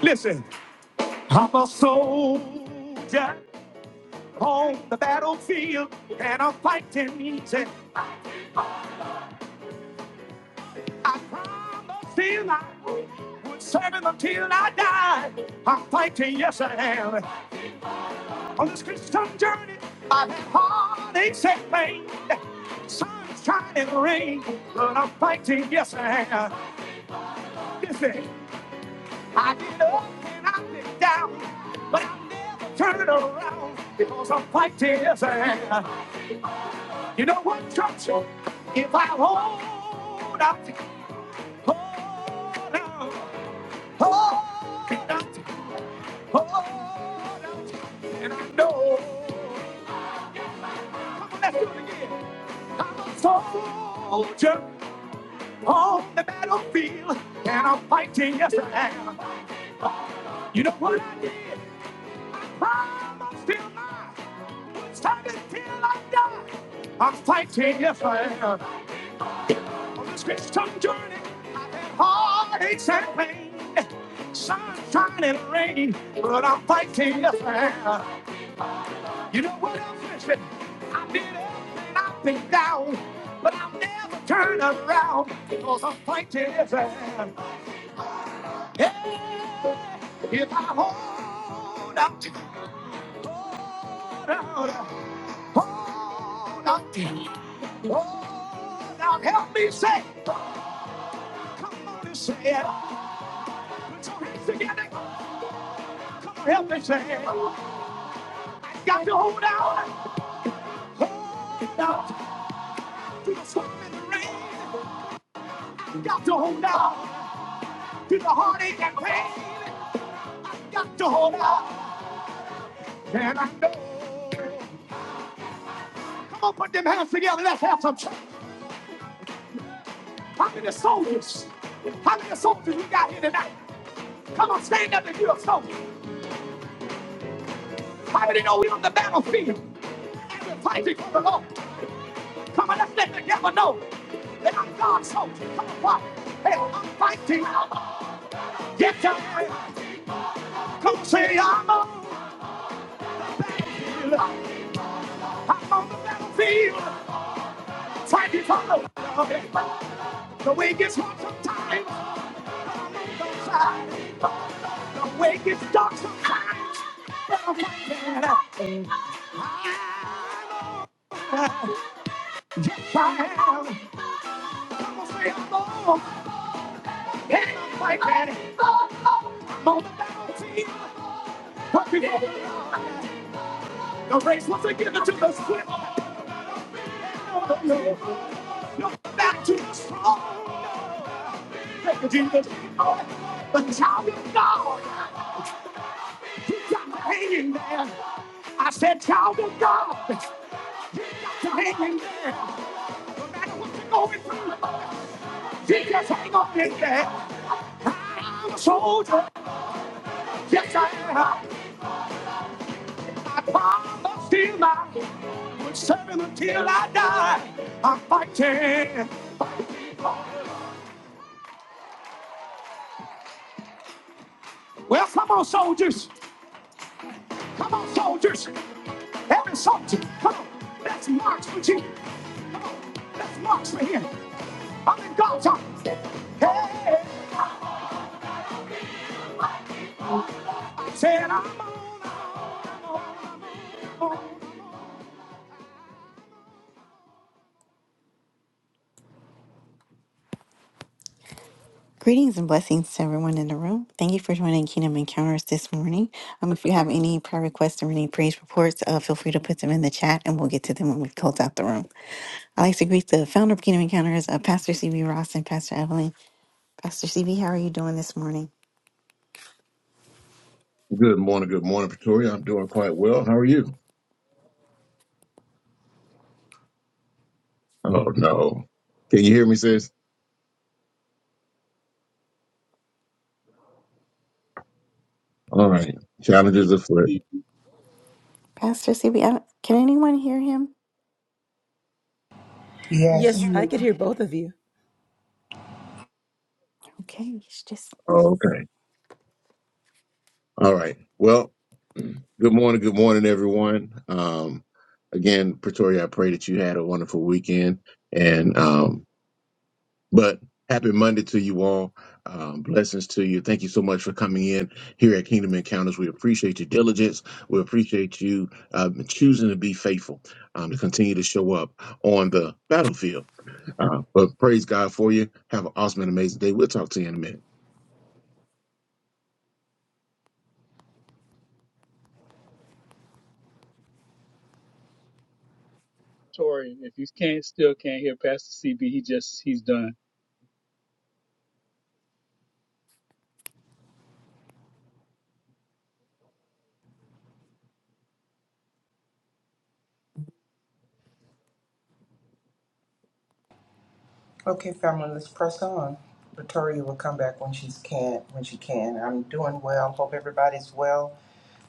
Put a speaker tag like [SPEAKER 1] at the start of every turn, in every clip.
[SPEAKER 1] Listen, I'm a soldier on the battlefield, and I'm fighting each. I promise till I would serve him until I die. I'm fighting, yes I am. On this Christian journey, I've had heartaches and pain, sunshine and rain, but I'm fighting, yes I am. Listen, I get up and I've been down, but I never turn around because I'm fighting, yes I am. You know what, Churchill? If I hold out, to you, hold out, hold out, to you, hold out, to you, and I know, I'll get my mind. come on, let's do it again. I'm a soldier on the battlefield, and I'm fighting, yes I am. You know what I did? I'm still alive. It's time until I die. I'm fighting, yes I am. On this Christian journey, I've had heartaches and pain, sunshine and rain, but I'm fighting the fair. You know what I'm facing? I've been up and I've been down, but I'll never turn around because I'm fighting the fair. Yeah, if I hold out, hold out, hold out, hold out, help me say, come on and say it. Put your hands together. Come on, help me say got to hold out. Hold out to the storm and the rain. got to hold out to the heartache and pain. got to hold out. And I know. Come on, put them hands together. Let's have some church. How many soldiers? How many soldiers we got here tonight? Come on, stand up if you're a soldier. How many know we're on the battlefield? And we're fighting for the Lord. Come on, let's let the devil know that I'm God's soldier. Come on, what? Hey, I'm fighting. Yes, I am. Come on, say I'm on. the field. I'm on the battlefield, fighting for the Lord. The way gets hard sometimes. The way gets dark sometimes. But I'm fighting. Yes, I am. Come on, say I'm on. Hey, I'm fighting. I'm on the battlefield, fighting for the Lord. The race was a given to the swift. No, no, no. No, Back to the strong. Thank you, Jesus. The child of God. He got to hang in there. I said, child of God. Got to hang in there. No matter what you're going through, you just hang on in there. I'm a soldier. Yes, I am. I promised him I would serve him until I die. I'm fighting. Well, come on, soldiers. Come on, soldiers. Every soldier, come on. Let's march for Jesus. Come on. Let's march for him. I'm in God's army. Hey, said I'm on, I'm on. Greetings and blessings to everyone in the room. Thank you for joining Kingdom Encounters this morning. Um, if you have any prayer requests or any praise reports, uh, feel free to put them in the chat and we'll get to them when we close out the room. I'd like to greet the founder of Kingdom Encounters, uh, Pastor CB Ross and Pastor Evelyn. Pastor CB, how are you doing this morning?
[SPEAKER 2] Good morning, good morning, Pretoria. I'm doing quite well. How are you? Oh no. Can you hear me, sis? All right.
[SPEAKER 3] I
[SPEAKER 2] Challenges
[SPEAKER 3] can
[SPEAKER 2] afoot.
[SPEAKER 3] see.
[SPEAKER 1] Pastor CB, don't- can anyone hear him?
[SPEAKER 3] I can
[SPEAKER 4] Yes.
[SPEAKER 5] Yes, I
[SPEAKER 3] hear
[SPEAKER 5] could hear both of you.
[SPEAKER 1] Okay, he's just. asleep.
[SPEAKER 2] Oh, okay. All right. Well, good morning, good morning, everyone. Um, again, Pretoria, I pray that you had a wonderful weekend. And um, but happy Monday to you all. Um, blessings to you. Thank you so much for coming in here at Kingdom Encounters. We appreciate your diligence. We appreciate you um, choosing to be faithful, um, to continue to show up on the battlefield Uh, but praise God for you. Have an awesome and amazing day. We'll talk to you in a minute.
[SPEAKER 3] Tori. If you can't, still can't hear Pastor CB. He just he's done.
[SPEAKER 4] Okay, family, let's press on. Victoria will come back when she's can when she can. I'm doing well. Hope everybody's well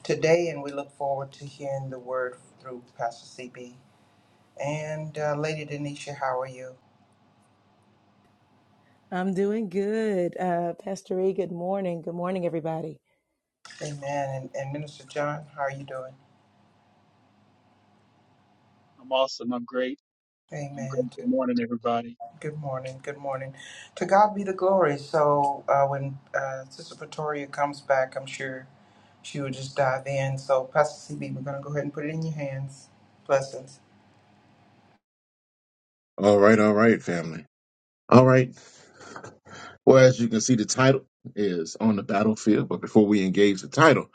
[SPEAKER 4] today, and we look forward to hearing the word through Pastor CB and uh, Lady Denisha. How are you?
[SPEAKER 5] I'm doing good. Uh, Pastor E, good morning. Good morning, everybody.
[SPEAKER 4] Amen. And, and Minister John, how are you doing?
[SPEAKER 3] I'm awesome. I'm great. I'm
[SPEAKER 4] Amen.
[SPEAKER 3] great.
[SPEAKER 4] T-
[SPEAKER 3] Good morning, everybody.
[SPEAKER 4] Good morning. Good morning. To God be the glory. So uh, when uh, Sister Victoria comes back, I'm sure she will just dive in. So Pastor CB, we're going to go ahead and put it in your hands. Blessings.
[SPEAKER 2] All right, all right, family. All right. Well, as you can see, the title is on the battlefield. But before we engage the title,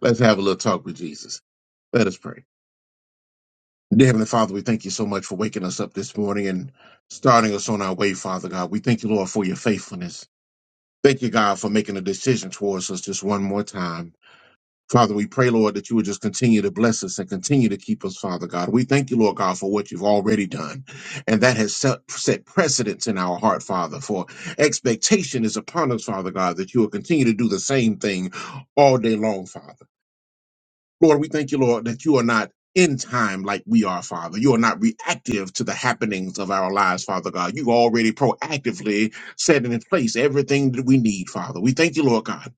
[SPEAKER 2] let's have a little talk with Jesus. Let us pray. Dear Heavenly Father, we thank you so much for waking us up this morning and starting us on our way, Father God. We thank you, Lord, for your faithfulness. Thank you, God, for making a decision towards us just one more time. Father, we pray, Lord, that you would just continue to bless us and continue to keep us, Father God. We thank you, Lord God, for what you've already done. And that has set, set precedence in our heart, Father, for expectation is upon us, Father God, that you will continue to do the same thing all day long, Father. Lord, we thank you, Lord, that you are not in time like we are, Father. You are not reactive to the happenings of our lives, Father God. You already proactively set in place everything that we need, Father. We thank you, Lord God.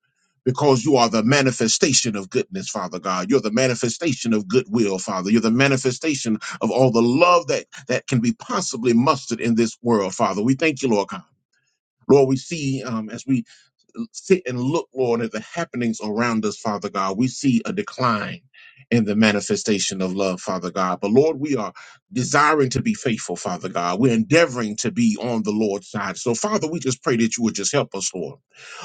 [SPEAKER 2] Because you are the manifestation of goodness, Father God. You're the manifestation of goodwill, Father. You're the manifestation of all the love that, that can be possibly mustered in this world, Father. We thank you, Lord God. Lord, we see um, as we sit and look, Lord, at the happenings around us, Father God, we see a decline in the manifestation of love, Father God. But Lord, we are desiring to be faithful, Father God. We're endeavoring to be on the Lord's side. So, Father, we just pray that you would just help us, Lord.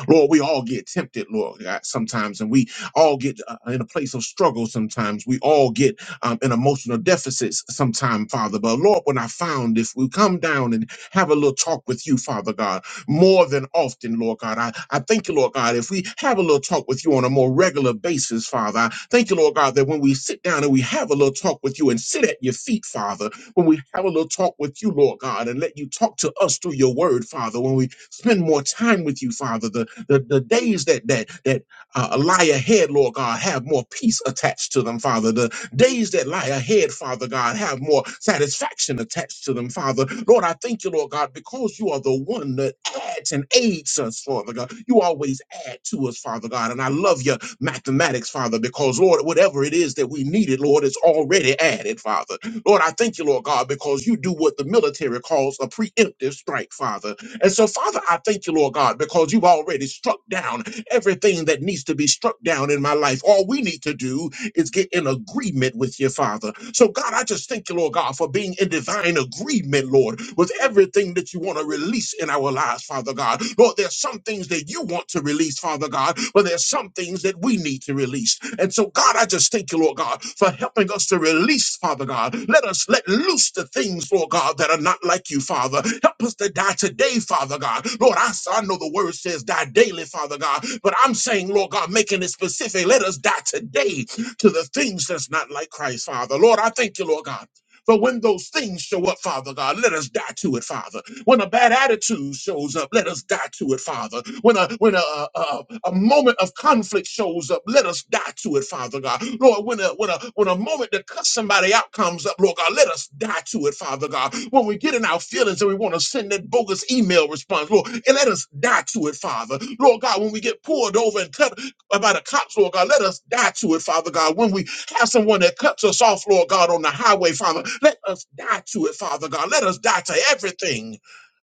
[SPEAKER 2] Lord, we all get tempted, Lord, God, sometimes, and we all get uh, in a place of struggle sometimes. We all get um, in emotional deficits sometimes, Father. But Lord, when I found if we come down and have a little talk with you, Father God, more than often, Lord God, I, I thank you, Lord God, if we have a little talk with you on a more regular basis, Father, I thank you, Lord God, that when we sit down and we have a little talk with you and sit at your feet, Father, when we have a little talk with you, Lord God, and let you talk to us through your word, Father, when we spend more time with you, Father, the the, the days that that that uh, lie ahead, Lord God, have more peace attached to them, Father. The days that lie ahead, Father God, have more satisfaction attached to them, Father. Lord, I thank you, Lord God, because you are the one that adds and aids us, Father God. You always add to us, Father God. And I love your mathematics, Father, because, Lord, whatever it is that we needed, Lord, it's already added, Father. Lord, I thank you, Lord God, because you do what the military calls a preemptive strike, Father. And so, Father, I thank you, Lord God, because you've already struck down everything that needs to be struck down in my life. All we need to do is get in agreement with your Father. So, God, I just thank you, Lord God, for being in divine agreement, Lord, with everything that you want to release in our lives, Father God. Lord, there's some things that you want to release, Father God, but there's some things that we need to release. And so, God, I just thank you, Lord God, for helping us to release, Father God. Let us let loose the things, Lord God, that are not like you, Father. Help us to die today, Father God. Lord, I, I know the word says die daily, Father God, but I'm saying, Lord God, making it specific, let us die today to the things that's not like Christ, Father. Lord, I thank you, Lord God. For when those things show up, Father God, let us die to it, Father. When a bad attitude shows up, let us die to it, Father. When a when a a, a- a moment of conflict shows up, let us die to it, Father God. Lord, when a when a when a moment to cut somebody out comes up, Lord God, let us die to it, Father God. When we get in our feelings and we want to send that bogus email response, Lord, and let us die to it, Father. Lord God, when we get pulled over and cut about the cops, Lord God. Let us die to it, Father God. When we have someone that cuts us off, Lord God, on the highway, Father, let us die to it, Father God. Let us die to everything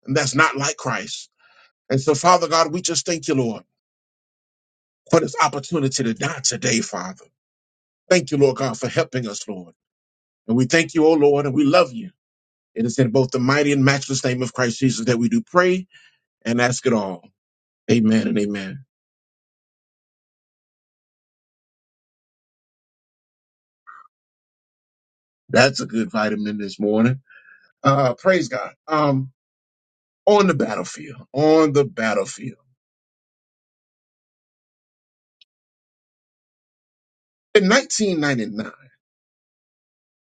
[SPEAKER 2] that's not like Christ. And so, Father God, we just thank you, Lord, for this opportunity to die today, Father. Thank you, Lord God, for helping us, Lord. And we thank you, O Lord, and we love you. It is in both the mighty and matchless name of Christ Jesus that we do pray and ask it all. Amen and amen. That's a good vitamin this morning. Uh, praise God. Um, on the battlefield, on the battlefield. In 1999,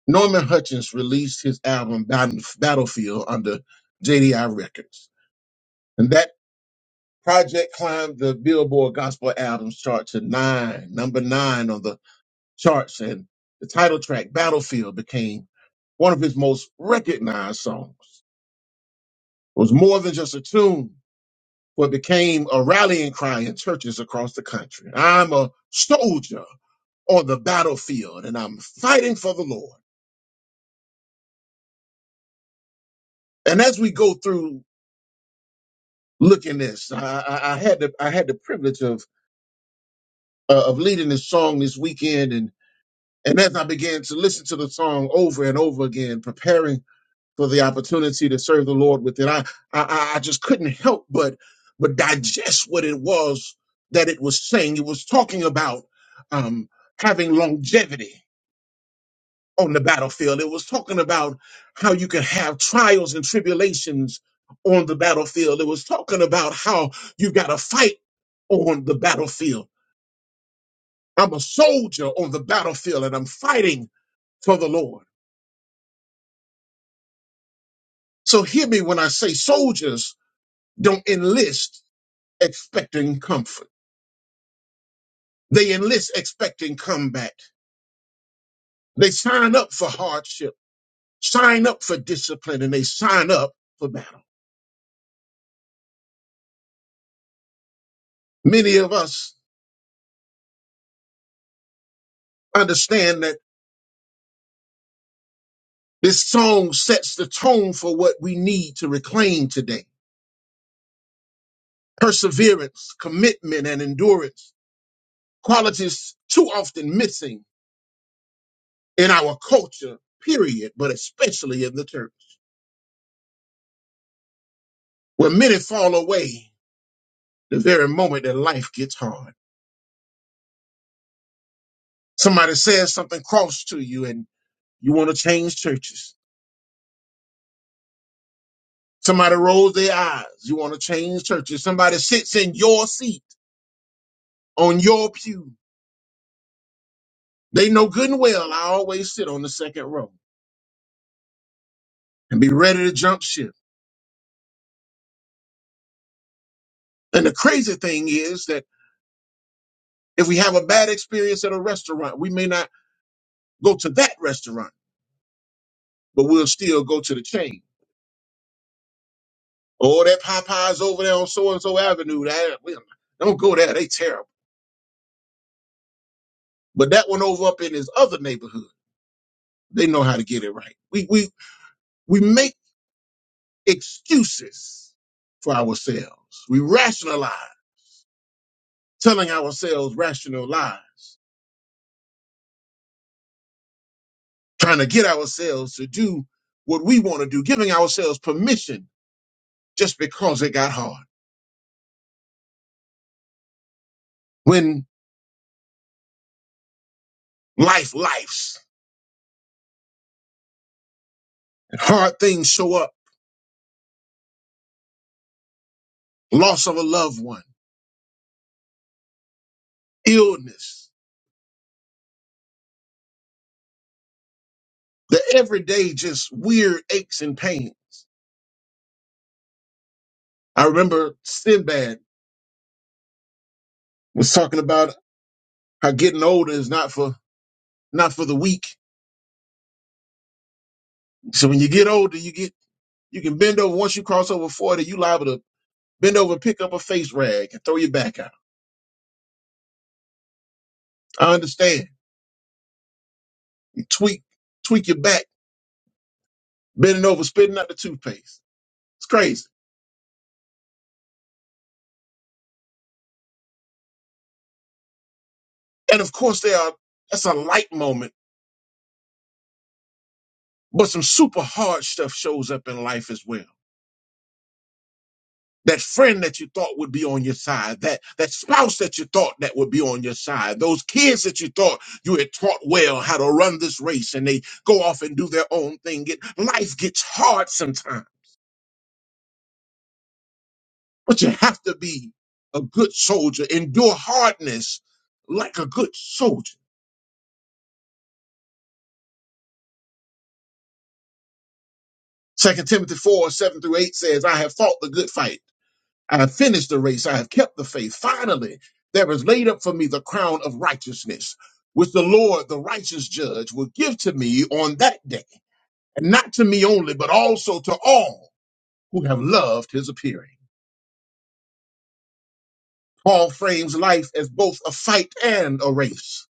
[SPEAKER 2] Norman Hutchins released his album Battle- Battlefield under JDI Records. And that project climbed the Billboard Gospel Albums chart to nine, number nine on the charts. And the title track, Battlefield, became one of his most recognized songs. It was more than just a tune, but became a rallying cry in churches across the country. I'm a soldier on the battlefield and I'm fighting for the Lord. And as we go through looking this, I, I, I had the I had the privilege of uh, of leading this song this weekend, and and as I began to listen to the song over and over again, preparing for the opportunity to serve the Lord with it, I I, I just couldn't help but but digest what it was that it was saying. It was talking about um, having longevity on the battlefield. It was talking about how you can have trials and tribulations on the battlefield. It was talking about how you got to fight on the battlefield. I'm a soldier on the battlefield and I'm fighting for the Lord. So hear me when I say soldiers don't enlist expecting comfort. They enlist expecting combat. They sign up for hardship, sign up for discipline, and they sign up for battle. Many of us understand that This song sets the tone for what we need to reclaim today perseverance, commitment, and endurance, qualities too often missing in our culture, period, but especially in the church, where many fall away the very moment that life gets hard. Somebody says something cross to you and you want to change churches. Somebody rolls their eyes. You want to change churches. Somebody sits in your seat on your pew. They know good and well I always sit on the second row. and be ready to jump ship. And the crazy thing is that if we have a bad experience at a restaurant, we may not go to that restaurant, but we'll still go to the chain. Oh, that Popeye's over there on so and so Avenue. That we- don't go there; they terrible. But that one over up in his other neighborhood, they know how to get it right. We we we make excuses for ourselves. We rationalize, telling ourselves rational lies, trying to get ourselves to do what we want to do, giving ourselves permission just because it got hard. When life lifes, hard things show up, loss of a loved one, illness, the everyday just weird aches and pains. I remember Sinbad was talking about how getting older is not for not for the weak. So when you get older, you get you can bend over. Once you cross over 40, you liable to bend over, pick up a face rag, and throw your back out. I understand. You tweak, tweak your back, bending over, spitting out the toothpaste. It's crazy. And of course, there are that's a light moment, but some super hard stuff shows up in life as well. That friend that you thought would be on your side, that that spouse that you thought that would be on your side, those kids that you thought you had taught well how to run this race, and they go off and do their own thing. It, life gets hard sometimes, but you have to be a good soldier, endure hardness like a good soldier. Second Timothy four seven through eight says, "I have fought the good fight." I have finished the race. I have kept the faith. Finally, there is laid up for me the crown of righteousness, which the Lord, the righteous judge, will give to me on that day, and not to me only, but also to all who have loved his appearing. Paul frames life as both a fight and a race.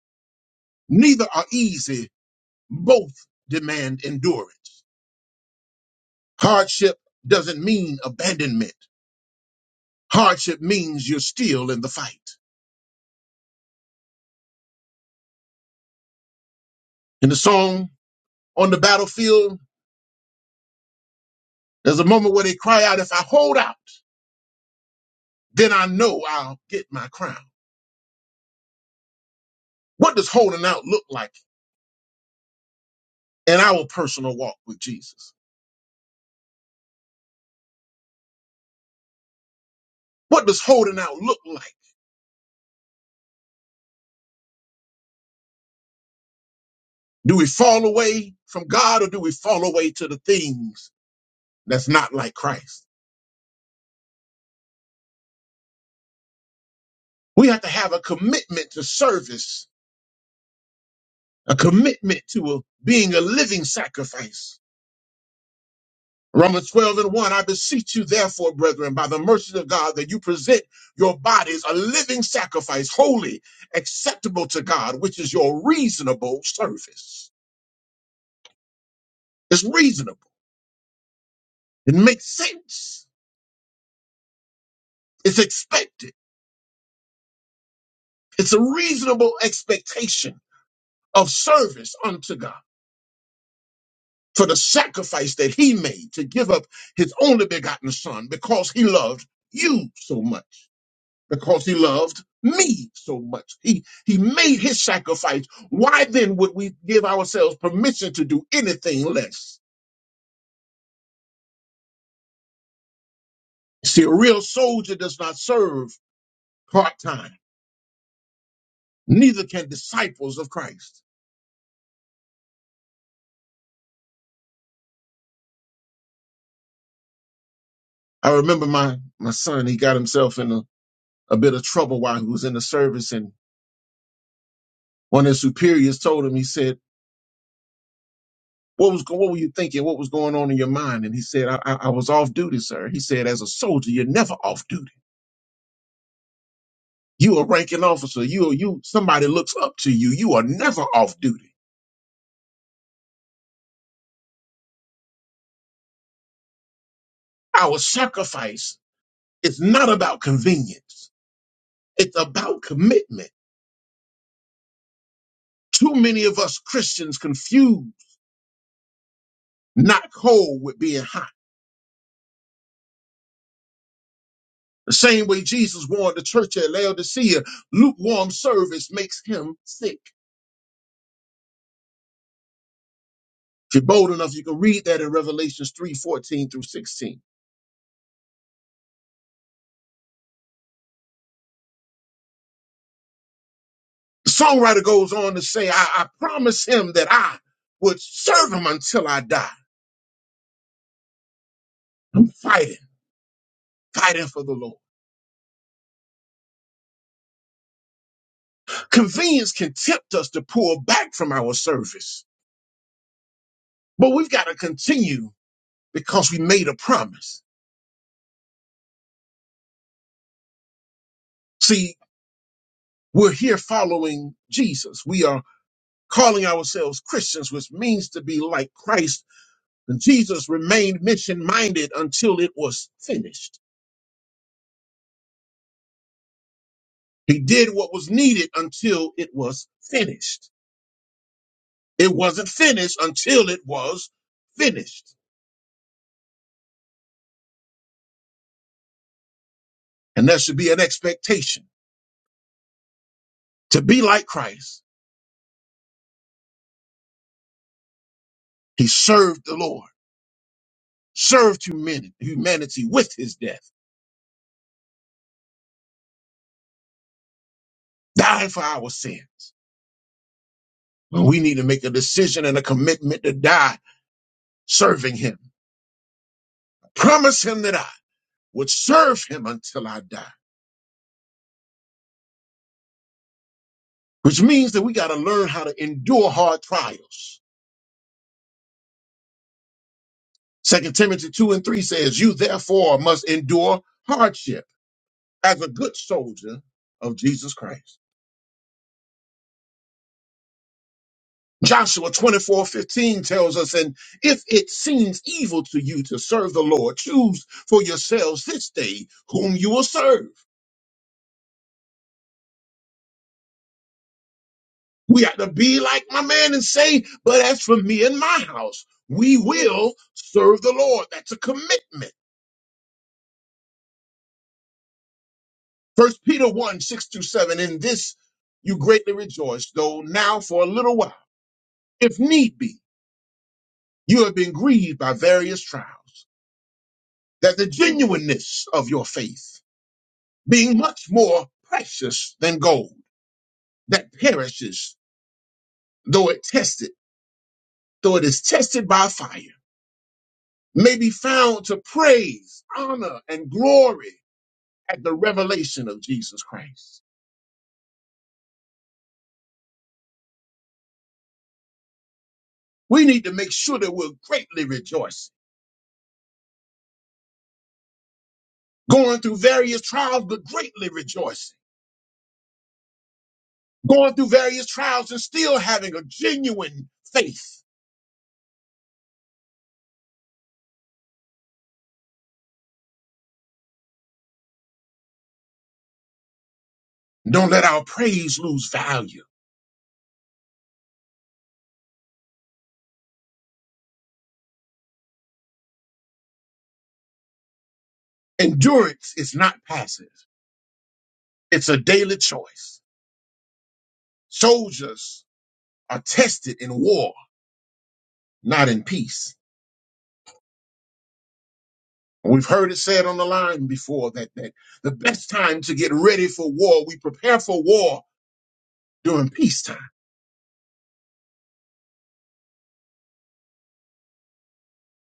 [SPEAKER 2] Neither are easy, both demand endurance. Hardship doesn't mean abandonment. Hardship means you're still in the fight. In the song, on the battlefield, There's a moment where they cry out, if I hold out, then I know I'll get my crown. What does holding out look like in our personal walk with Jesus? What does holding out look like? Do we fall away from God or do we fall away to the things that's not like Christ? We have to have a commitment to service, a commitment to a, being a living sacrifice Romans 12 and 1, I beseech you, therefore, brethren, by the mercy of God, that you present your bodies a living sacrifice, holy, acceptable to God, which is your reasonable service. It's reasonable. It makes sense. It's expected. It's a reasonable expectation of service unto God for the sacrifice that he made to give up his only begotten son because he loved you so much. because he loved me so much. He he made his sacrifice. Why then would we give ourselves permission to do anything less? See, a real soldier does not serve part-time. Neither can disciples of Christ. I remember my my son, he got himself in a, a bit of trouble while he was in the service, and one of his superiors told him, he said, what was go- what were you thinking? What was going on in your mind? And he said, I, I, I was off duty, sir. He said, as a soldier, you're never off duty. You a ranking officer. You you somebody looks up to you. You are never off duty. Our sacrifice is not about convenience. It's about commitment. Too many of us Christians confuse not cold with being hot. The same way Jesus warned the church at Laodicea, lukewarm service makes him sick. If you're bold enough, you can read that in Revelations 3 14 through 16. The songwriter goes on to say, I, I promise him that I would serve him until I die. I'm fighting. fighting for the Lord. Convenience can tempt us to pull back from our service, but we've got to continue because we made a promise. See, we're here following Jesus. We are calling ourselves Christians, which means to be like Christ. And Jesus remained mission minded until it was finished. He did what was needed until it was finished. It wasn't finished until it was finished. And there should be an expectation to be like Christ. He served the Lord. served humanity, humanity with his death, dying for our sins. But we need to make a decision and a commitment to die serving him. Promise him that I would serve him until I die, which means that we got to learn how to endure hard trials. Second Timothy 2 and 3 says, You therefore must endure hardship as a good soldier of Jesus Christ. Joshua 24 15 tells us, and if it seems evil to you to serve the Lord, choose for yourselves this day whom you will serve. We ought to be like my man and say, but as for me and my house, we will serve the Lord. That's a commitment. First Peter 1 6 through 7, in this you greatly rejoice, though now for a little while, if need be, you have been grieved by various trials, that the genuineness of your faith being much more precious than gold that perishes, though it tested, though it is tested by fire, may be found to praise, honor, and glory at the revelation of Jesus Christ. We need to make sure that we're greatly rejoicing, going through various trials, but greatly rejoicing, going through various trials and still having a genuine faith. Don't let our praise lose value. Endurance is not passive. It's a daily choice. Soldiers are tested in war, not in peace. We've heard it said on the line before that, that the best time to get ready for war, we prepare for war during peacetime.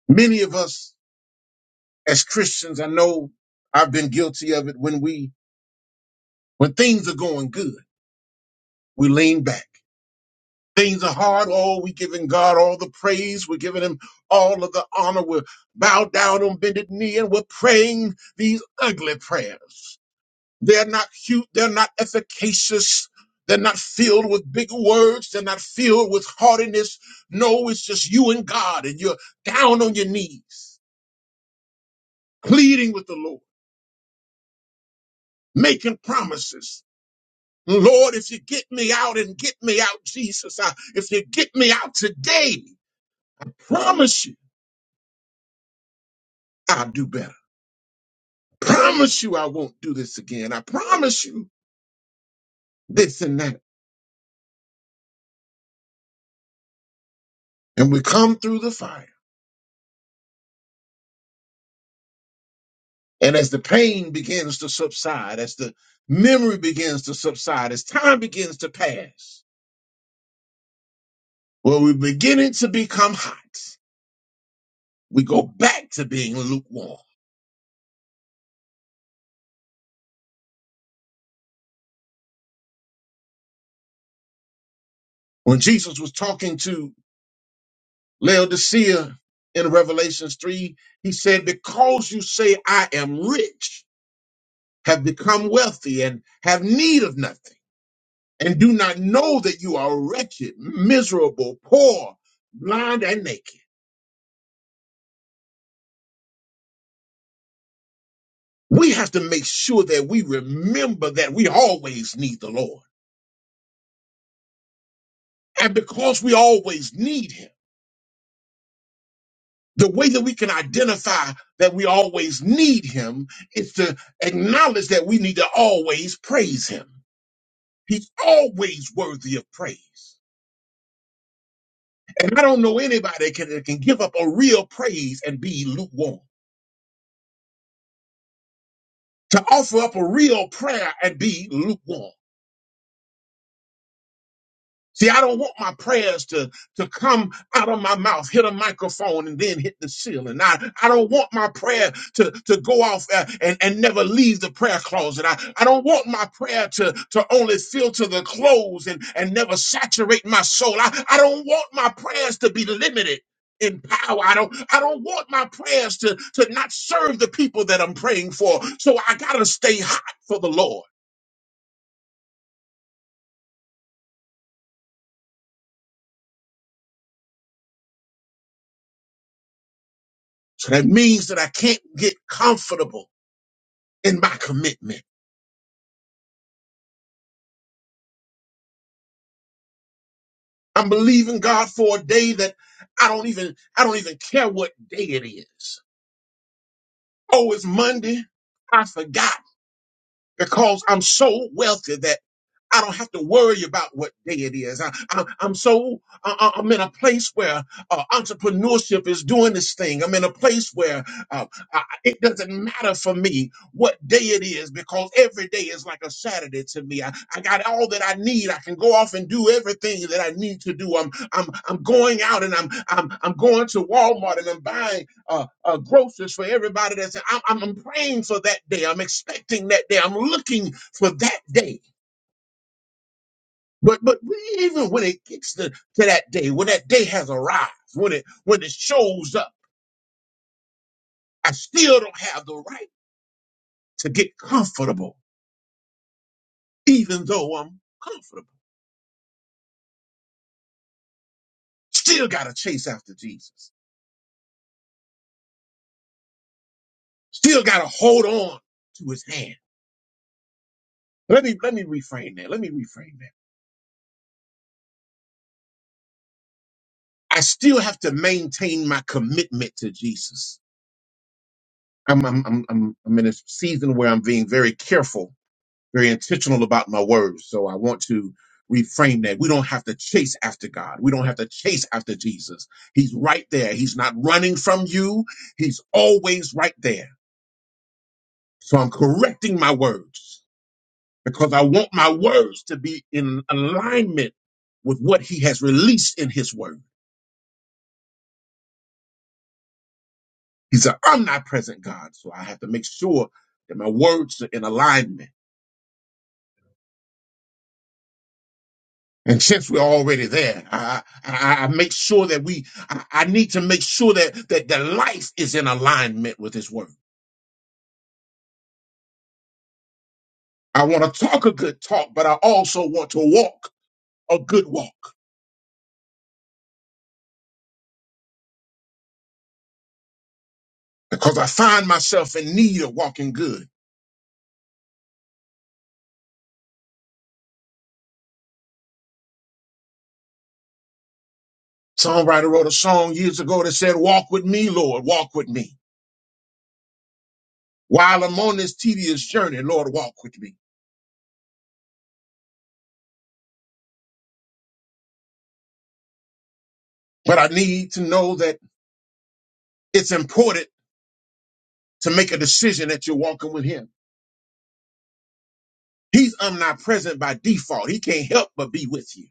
[SPEAKER 2] Many of us as Christians, I know I've been guilty of it when we, when things are going good, we lean back. Things are hard. Oh, we're giving God all the praise. We're giving him all of the honor. We're bowed down on bended knee and we're praying these ugly prayers. They're not cute. They're not efficacious. They're not filled with big words. They're not filled with haughtiness. No, it's just you and God, and you're down on your knees, pleading with the Lord, making promises. Lord, if you get me out and get me out, Jesus, I, if you get me out today, promise you I'll do better. Promise you I won't do this again. I promise you this and that. And we come through the fire And as the pain begins to subside, as the memory begins to subside, as time begins to pass, when we're beginning to become hot, we go back to being lukewarm. When Jesus was talking to Laodicea in Revelations 3, he said, Because you say, I am rich, have become wealthy, and have need of nothing, and do not know that you are wretched, miserable, poor, blind, and naked. We have to make sure that we remember that we always need the Lord. And because we always need Him, the way that we can identify that we always need Him is to acknowledge that we need to always praise Him. He's always worthy of praise. And I don't know anybody that can, that can give up a real praise and be lukewarm, to offer up a real prayer and be lukewarm. See, I don't want my prayers to, to come out of my mouth, hit a microphone, and then hit the ceiling. I, I don't want my prayer to, to go off uh, and, and never leave the prayer closet. I, I don't want my prayer to, to only filter the clothes and, and never saturate my soul. I, I don't want my prayers to be limited in power. I don't I don't want my prayers to, to not serve the people that I'm praying for. So I gotta stay hot for the Lord. So that means that I can't get comfortable in my commitment. I'm believing God for a day that I don't even I don't even care what day it is. Oh, it's Monday. I forgot because I'm so wealthy that I don't have to worry about what day it is. I, I, I'm so I, I- am in a place where uh, entrepreneurship is doing this thing. I'm in a place where uh, I- it doesn't matter for me what day it is because every day is like a Saturday to me. I, I got all that I need. I can go off and do everything that I need to do. I'm I'm I'm going out and I'm I'm I'm going to Walmart and I'm buying uh, uh, groceries for everybody that's I'm, I'm I'm praying for that day. I'm expecting that day. I'm looking for that day. But but even when it gets to, to that day, when that day has arrived, when it when it shows up, I still don't have the right to get comfortable, even though I'm comfortable. Still gotta chase after Jesus. Still gotta hold on to his hand. Let me let me reframe that. Let me reframe that. I still have to maintain my commitment to Jesus. I'm I'm I'm I'm I'm in a season where I'm being very careful, very intentional about my words. So I want to reframe that. We don't have to chase after God. We don't have to chase after Jesus. He's right there. He's not running from you. He's always right there. So I'm correcting my words because I want my words to be in alignment with what he has released in his word. He's an omnipresent God. So I have to make sure that my words are in alignment And since we're already there, I, I, I make sure that we, I, I need to make sure that, that the life is in alignment with His Word. I want to talk a good talk, but I also want to walk a good walk because I find myself in need of walking good. Songwriter wrote a song years ago that said, Walk with me, Lord, walk with me. While I'm on this tedious journey, Lord, walk with me. But I need to know that it's important to make a decision that you're walking with Him. He's omnipresent by default. He can't help but be with you.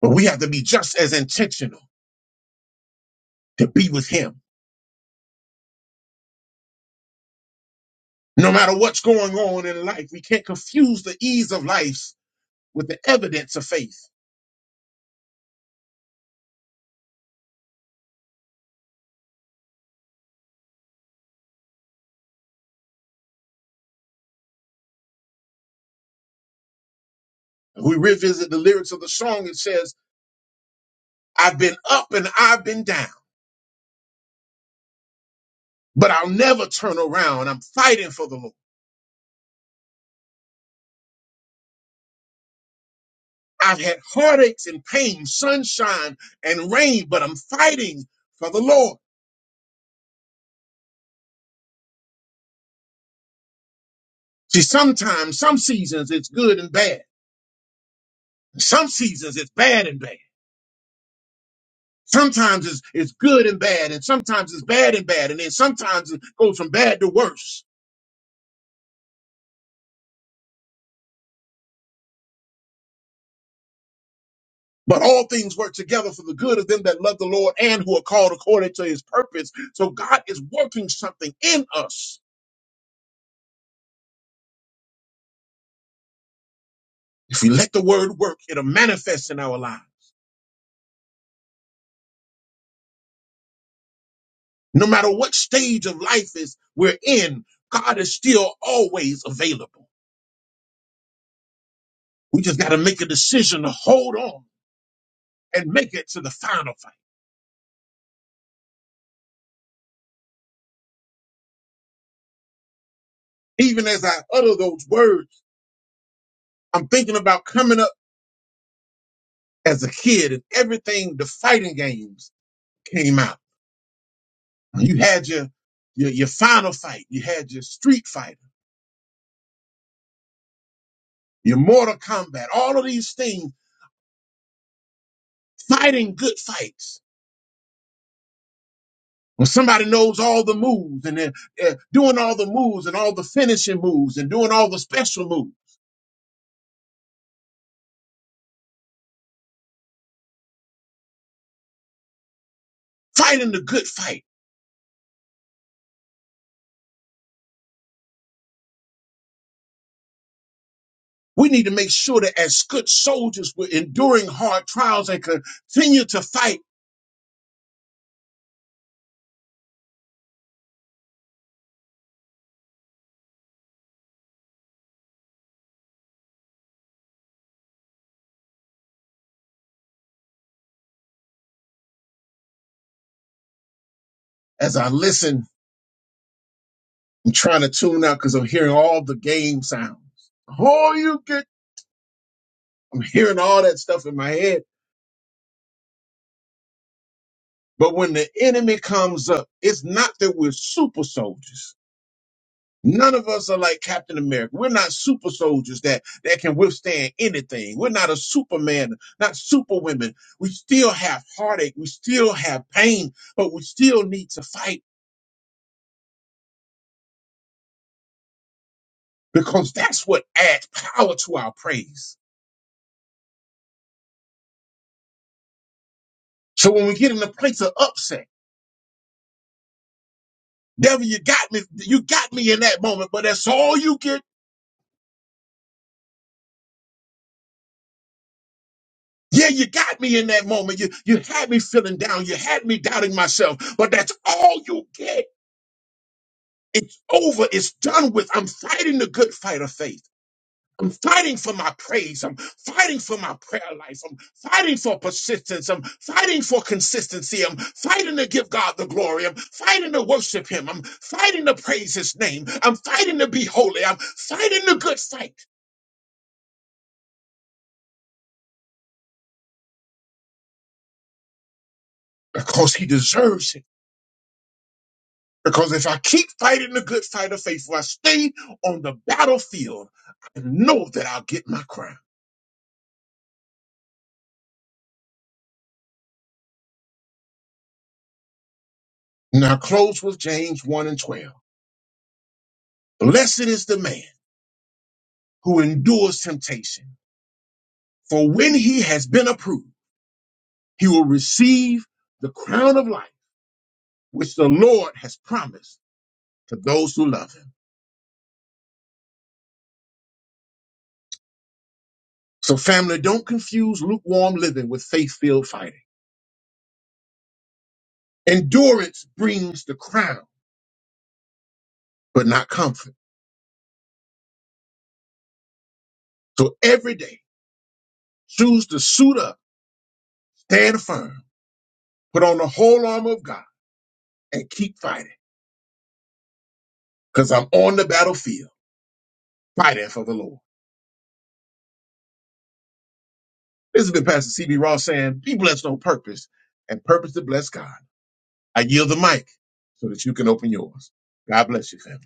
[SPEAKER 2] But we have to be just as intentional to be with him. No matter what's going on in life, we can't confuse the ease of life with the evidence of faith. If we revisit the lyrics of the song, it says, I've been up and I've been down, but I'll never turn around. I'm fighting for the Lord. I've had heartaches and pain, sunshine and rain, but I'm fighting for the Lord. See, sometimes, some seasons it's good and bad. Some seasons it's bad and bad. Sometimes it's, it's good and bad, and sometimes it's bad and bad, and then sometimes it goes from bad to worse. But all things work together for the good of them that love the Lord and who are called according to his purpose. So God is working something in us. If we let the word work, it'll manifest in our lives. No matter what stage of life is we're in, God is still always available. We just got to make a decision to hold on and make it to the final fight. Even as I utter those words, I'm thinking about coming up. as a kid and everything the fighting games came out. You had your your, your final fight, you had your street fighter, your mortal combat, all of these things, fighting good fights. When somebody knows all the moves and they're, they're doing all the moves and all the finishing moves and doing all the special moves, fighting the good fight. We need to make sure that as good soldiers, we're enduring hard trials and continue to fight as I listen I'm trying to tune out because I'm hearing all the game sounds. Oh, you get, I'm hearing all that stuff in my head. But when the enemy comes up, it's not that we're super soldiers. None of us are like Captain America. We're not super soldiers that, that can withstand anything. We're not a superman, not superwomen. We still have heartache. We still have pain, but we still need to fight because that's what adds power to our praise. So when we get in a place of upset, Devil, you got me. You got me in that moment, but that's all you get. Yeah, you got me in that moment. You you had me feeling down. You had me doubting myself, but that's all you get. It's over. It's done with. I'm fighting the good fight of faith. I'm fighting for my praise. I'm fighting for my prayer life. I'm fighting for persistence. I'm fighting for consistency. I'm fighting to give God the glory. I'm fighting to worship Him. I'm fighting to praise His name. I'm fighting to be holy. I'm fighting the good fight because He deserves it. Because if I keep fighting the good fight of faith, if I stay on the battlefield, I know that I'll get my crown. Now close with James 1 and 12. Blessed is the man who endures temptation, for when he has been approved, he will receive the crown of life, which the Lord has promised to those who love him. So family, don't confuse lukewarm living with faith-filled fighting. Endurance brings the crown, but not comfort. So every day, choose to suit up Stand firm. Put on the whole armor of God and keep fighting because I'm on the battlefield fighting for the Lord. This has been Pastor CB Ross saying, Be blessed on purpose and purpose to bless God. I yield the mic so that you can open yours. God bless you, family.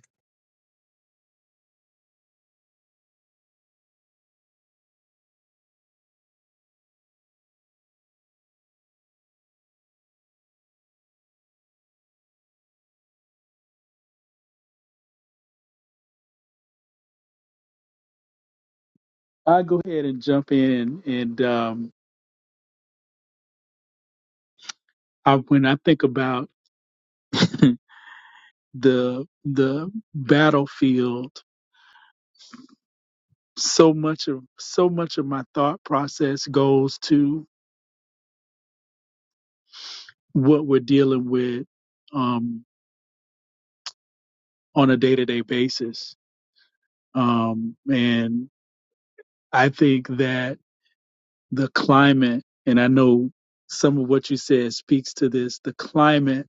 [SPEAKER 3] I go ahead and jump in, and um, I, when I think about the the battlefield, so much of so much of my thought process goes to what we're dealing with um, on a day to day basis, um, and I think that. the climate, and I know some of what you said speaks to this, the climate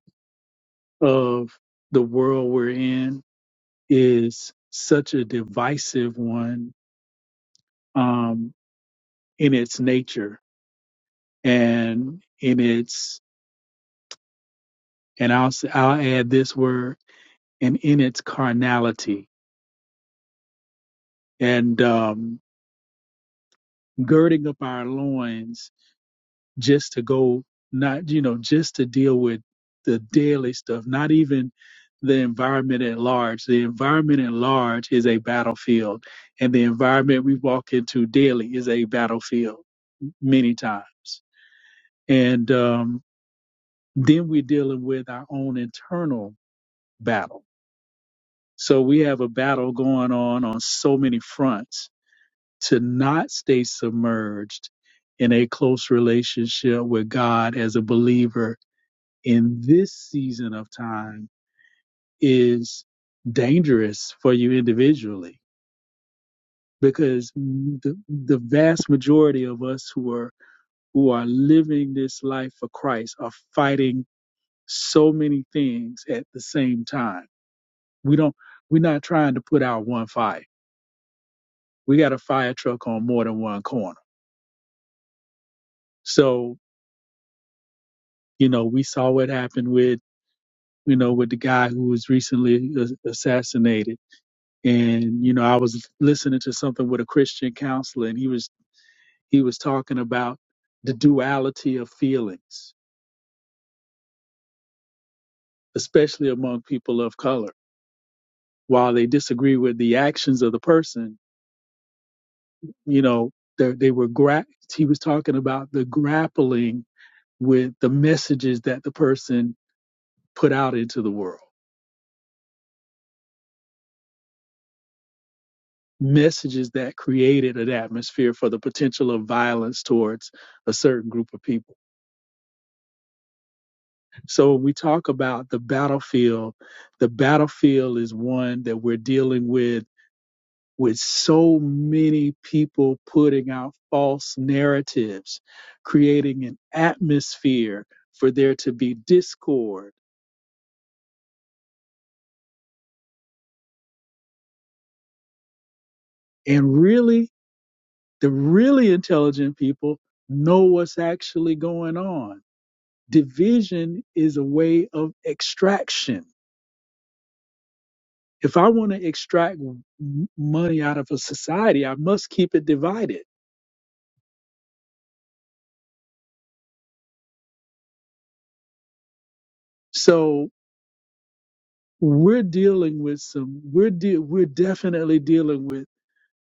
[SPEAKER 3] of the world we're in is such a divisive one um, in its nature and in its, and I'll, i I'll add this word, and in its carnality. And um, girding up our loins just to go not you know just to deal with the daily stuff not even the environment at large the environment at large is a battlefield and the environment we walk into daily is a battlefield many times and um, then we're dealing with our own internal battle so we have a battle going on on so many fronts to not stay submerged in a close relationship with god as a believer in this season of time is dangerous for you individually because the, the vast majority of us who are who are living this life for Christ are fighting so many things at the same time. We don't we're not trying to put out one fire. We got a fire truck on more than one corner. So, you know, we saw what happened with, you know, with the guy who was recently assassinated and you know i was listening to something with a christian counselor and he was he was talking about the duality of feelings especially among people of color while they disagree with the actions of the person you know they, they were gra- he was talking about the grappling with the messages that the person put out into the world messages that created an atmosphere for the potential of violence towards a certain group of people So when we talk about the battlefield, the battlefield is one that we're dealing with with so many people putting out false narratives, creating an atmosphere for there to be discord. And really, the really intelligent people know what's actually going on. Division is a way of extraction. If I want to extract m- money out of a society, I must keep it divided So we're dealing with some we're de- we're definitely dealing with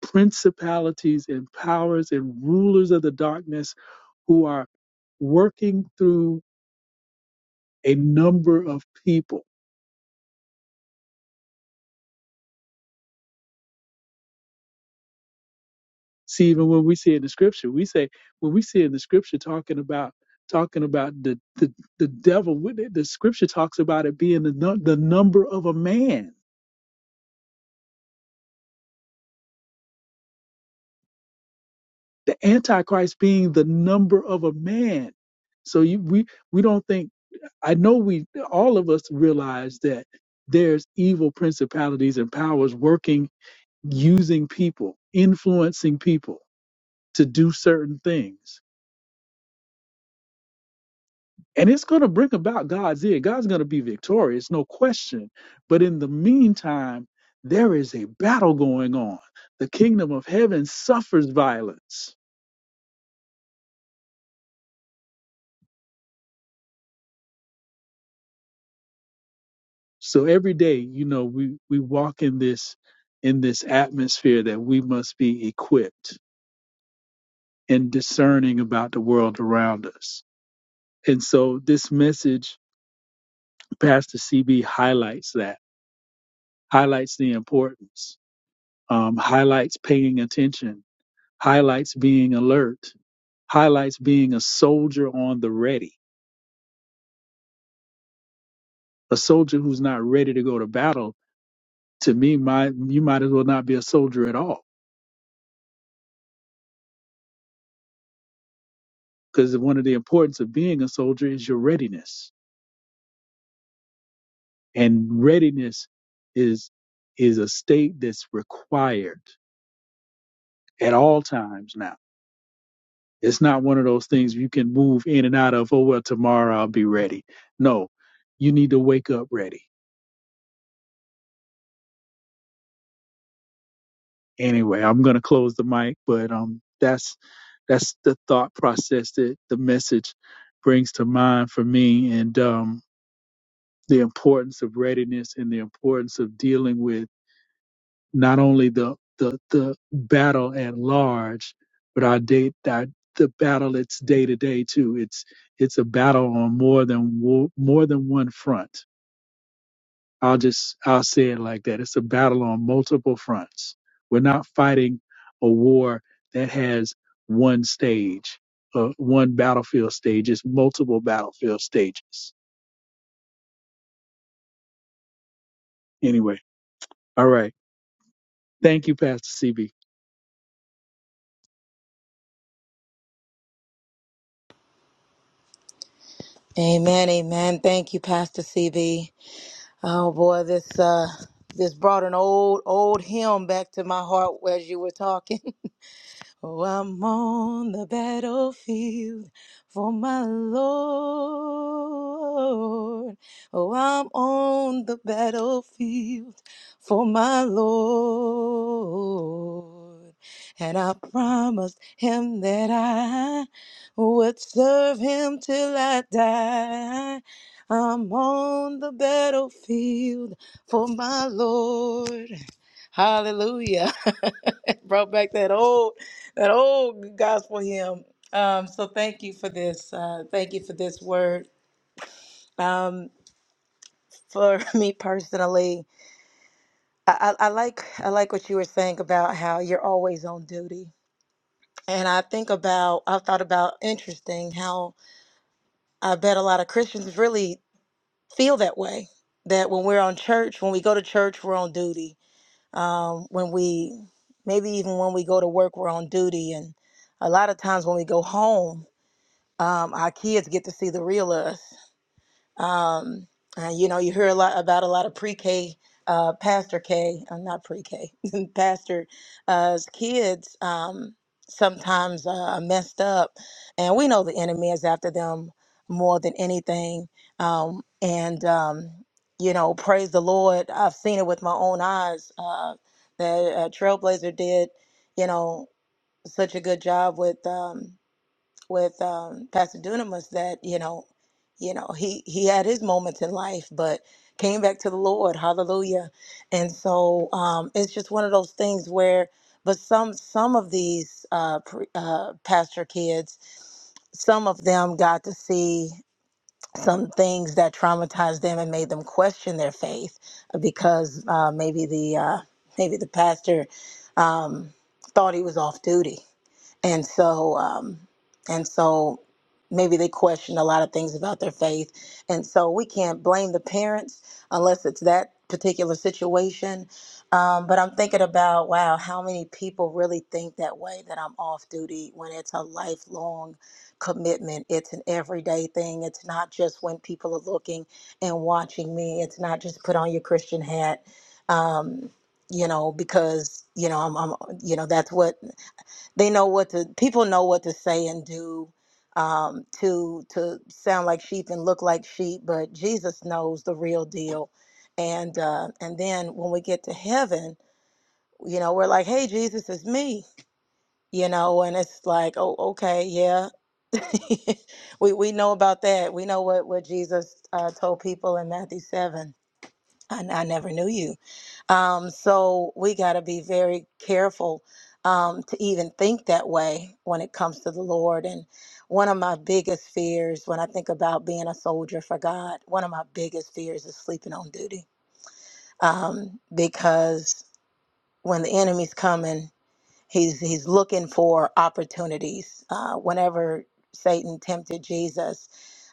[SPEAKER 3] principalities and powers and rulers of the darkness who are working through a number of people. See, even when we see in the scripture, we say when we see in the scripture talking about talking about the the, the devil, when it- the scripture talks about it being the nu- the number of a man, the antichrist being the number of a man. So you, we we don't think I know we all of us realize that there's evil principalities and powers working using people, influencing people to do certain things. And it's going to bring about God's ear. God's going to be victorious, no question. But in the meantime, there is a battle going on. The kingdom of heaven suffers violence. So every day, you know, we we walk in this in this atmosphere that we must be equipped and discerning about the world around us. And so this message, Pastor CB highlights that, highlights the importance, um, highlights paying attention, highlights being alert, highlights being a soldier on the ready. A soldier who's not ready to go to battle, to me, my, you might as well not be a soldier at all. Because one of the importance of being a soldier is your readiness. And readiness is is a state that's required at all times now It's not one of those things you can move in and out of, oh, well, tomorrow I'll be ready. No, you need to wake up ready. Anyway, I'm going to close the mic, but um, that's that's the thought process that the message brings to mind for me and um, the importance of readiness and the importance of dealing with not only the, the, the battle at large, but our day, our, the battle it's day to day too. It's, it's a battle on more than, wo- more than one front I'll just I'll say it like that. It's a battle on multiple fronts. We're not fighting a war that has one stage, uh, one battlefield stage. It's multiple battlefield stages. Anyway, all right. Thank you, Pastor CB.
[SPEAKER 5] Amen, amen. Thank you, Pastor CB. Oh boy, this uh this brought an old old hymn back to my heart as you were talking. Oh, I'm on the battlefield for my Lord. Oh, I'm on the battlefield for my Lord. And I promised him that I would serve him till I die. I'm on the battlefield for my Lord. Hallelujah. brought back that old that old gospel hymn. Um, so thank you for this. Uh, thank you for this word. Um, for me personally, I, I, I like I like what you were saying about how you're always on duty. And I think about I've thought about interesting how I bet a lot of Christians really feel that way. That when we're on church, when we go to church, we're on duty. Um, when we maybe even when we go to work, we're on duty. And a lot of times when we go home, um, our kids get to see the real us. Um, uh, you know, you hear a lot about a lot of pre-K, uh, Pastor K, uh, not pre-K, Pastor uh, kids. Um, sometimes uh, are messed up, and we know the enemy is after them more than anything. Um, and um, you know, praise the Lord. I've seen it with my own eyes. Uh, that uh, Trailblazer did, you know, such a good job with. Um, with um, Pastor Dunamis that you know, you know, he he had his moments in life, but came back to the Lord. Hallelujah! And so um, it's just one of those things where, but some some of these uh, pre, uh, pastor kids, some of them got to see some things that traumatized them and made them question their faith because uh, maybe the uh, maybe the pastor um, thought he was off duty and so um, and so maybe they question a lot of things about their faith and so we can't blame the parents unless it's that particular situation um, but i'm thinking about wow how many people really think that way that i'm off duty when it's a lifelong commitment it's an everyday thing it's not just when people are looking and watching me it's not just put on your christian hat um, you know because you know i'm, I'm you know that's what they know what to people know what to say and do um, to to sound like sheep and look like sheep, but Jesus knows the real deal. And uh, and then when we get to heaven, you know, we're like, "Hey, Jesus, it's me," you know, and it's like, "Oh, okay, yeah." we we know about that. We know what what Jesus uh, told people in Matthew seven I, I never knew you. Um, so we got to be very careful um, to even think that way when it comes to the Lord. And one of my biggest fears when I think about being a soldier for God, one of my biggest fears is sleeping on duty. Um, because when the enemy's coming, He's he's looking for opportunities. Uh, whenever Satan tempted Jesus,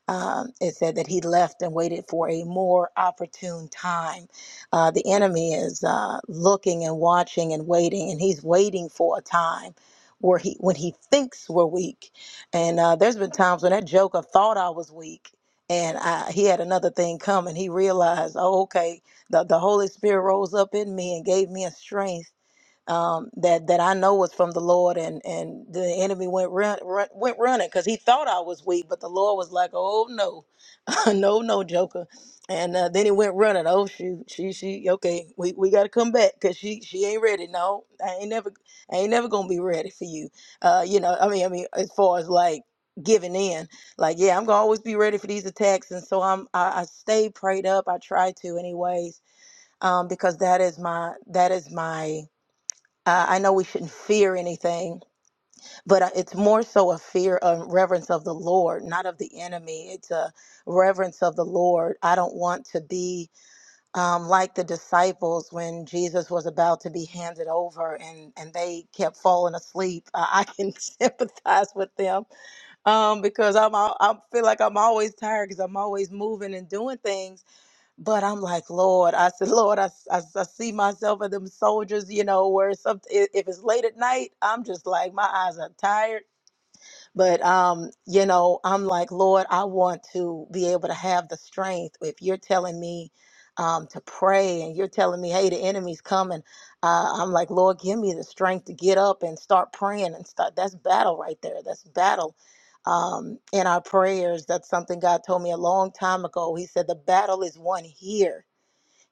[SPEAKER 5] um, it said that he left and waited for a more opportune time. Uh, the enemy is uh, looking and watching and waiting, and he's waiting for a time where he when he thinks we're weak. And uh, there's been times when that joker thought I was weak, and I, he had another thing come, and he realized, oh, okay, the, the Holy Spirit rose up in me and gave me a strength um, that that I know was from the Lord, and and the enemy went run, run went running because he thought I was weak, but the Lord was like, "Oh no, no, no, Joker," and uh, then he went running. Oh shoot, she she okay, we, we got to come back because she she ain't ready. No, I ain't never I ain't never gonna be ready for you. Uh, you know, I mean, I mean, as far as like giving in like yeah i'm gonna always be ready for these attacks and so i'm i, I stay prayed up i try to anyways um because that is my that is my uh, I know we shouldn't fear anything, but uh, it's more so a fear of reverence of the Lord, not of the enemy. It's a reverence of the Lord. I don't want to be um, like the disciples when Jesus was about to be handed over and, and they kept falling asleep. Uh, I can sympathize with them um, because I'm, al- I feel like I'm always tired because I'm always moving and doing things. But I'm like, Lord, I said, Lord, I, I, I see myself and them soldiers, you know, where some, i- if it's late at night, I'm just like, my eyes are tired. But, um, you know, I'm like, Lord, I want to be able to have the strength. If you're telling me um, to pray and you're telling me, hey, the enemy's coming, uh, I'm like, Lord, give me the strength to get up and start praying and start. That's battle right there. That's battle um, in our prayers. That's something God told me a long time ago. He said, The battle is won here.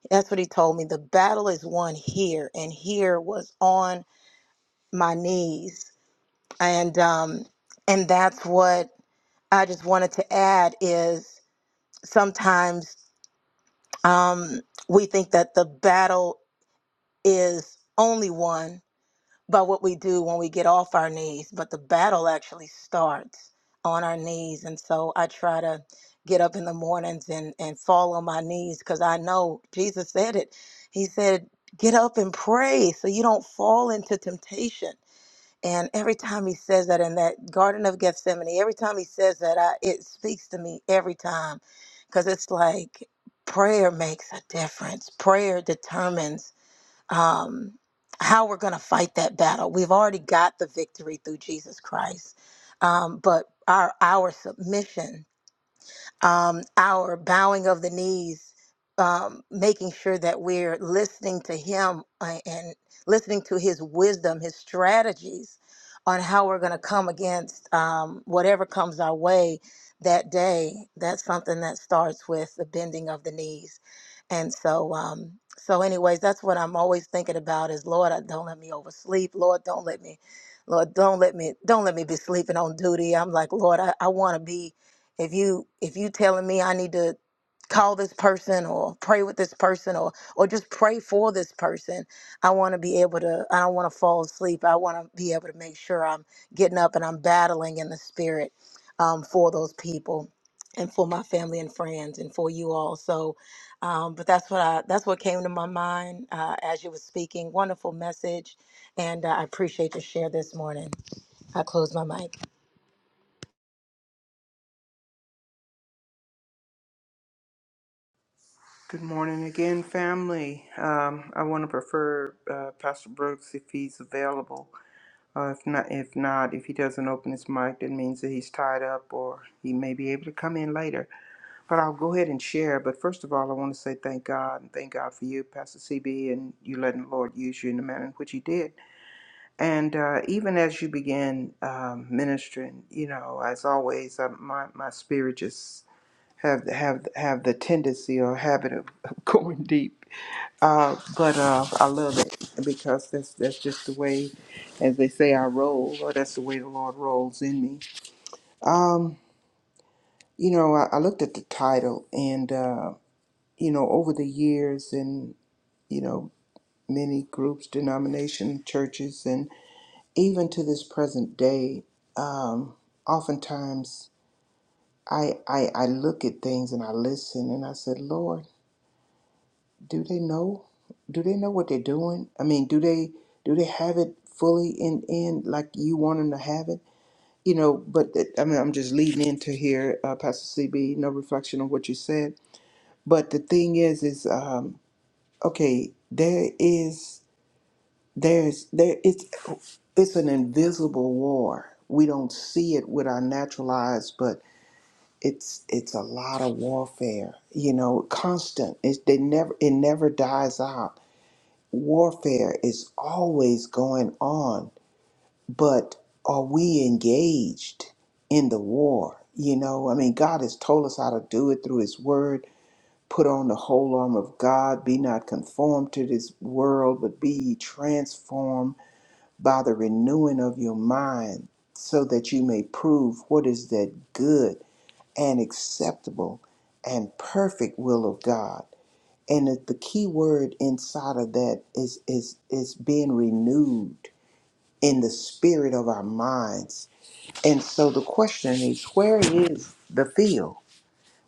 [SPEAKER 5] That's what he told me. The battle is won here, and here was on my knees, and um, and that's what I just wanted to add is sometimes um, we think that the battle is only won by what we do when we get off our knees, but the battle actually starts on our knees. And so I try to get up in the mornings and, and fall on my knees because I know Jesus said it. He said, Get up and pray so you don't fall into temptation. And every time he says that in that Garden of Gethsemane, every time he says that, I, it speaks to me every time because it's like prayer makes a difference. Prayer determines um, how we're going to fight that battle. We've already got the victory through Jesus Christ, um, but our our submission um, our bowing of the knees, um, making sure that we're listening to Him uh, and listening to His wisdom, His strategies on how we're going to come against um, whatever comes our way that day. That's something that starts with the bending of the knees. And so, um, so anyways, that's what I'm always thinking about is Lord, I- don't let me oversleep. Lord, don't let me, Lord, don't let me, don't let me be sleeping on duty. I'm like, Lord, I, I want to be if you if you telling me i need to call this person or pray with this person or or just pray for this person i want to be able to i don't want to fall asleep i want to be able to make sure i'm getting up and i'm battling in the spirit um, for those people and for my family and friends and for you all so um, but that's what i that's what came to my mind uh, as you were speaking wonderful message and uh, i appreciate your share this morning i close my mic
[SPEAKER 4] Good morning again, family. Um, I want to prefer uh, Pastor Brooks if he's available. Uh, if not, if not, if he doesn't open his mic, that means that he's tied up, or he may be able to come in later. But I'll go ahead and share. But first of all, I want to say thank God and thank God for you, Pastor CB, and you letting the Lord use you in the manner in which He did. And uh, even as you begin um, ministering, you know, as always, uh, my my spirit just have have have the tendency or habit of, of going deep. Uh, but uh, I love it because that's that's just the way, as they say, I roll, or that's the way the Lord rolls in me. Um, you know, I, I looked at the title, and uh, you know, over the years, and you know, many groups, denomination, churches, and even to this present day, um, oftentimes I, I I look at things and I listen, and I said, Lord. do they know do they know what they're doing i mean do they do they have it fully in in like you want them to have it you know but that- i mean i'm just leading into here uh, pastor cb no reflection on what you said but the thing is is um okay there is there's there it's it's an invisible war we don't see it with our natural eyes but it's it's a lot of warfare you know constant it's they never it never dies out warfare is always going on, but are we engaged in the war? You know, I mean, God has told us how to do it through His Word. Put on the whole armor of God. Be not conformed to this world, but be ye transformed by the renewing of your mind, so that you may prove what is that good and acceptable and perfect will of God and it- the key word inside of that is is is being renewed in the spirit of our minds and so the question is where is the field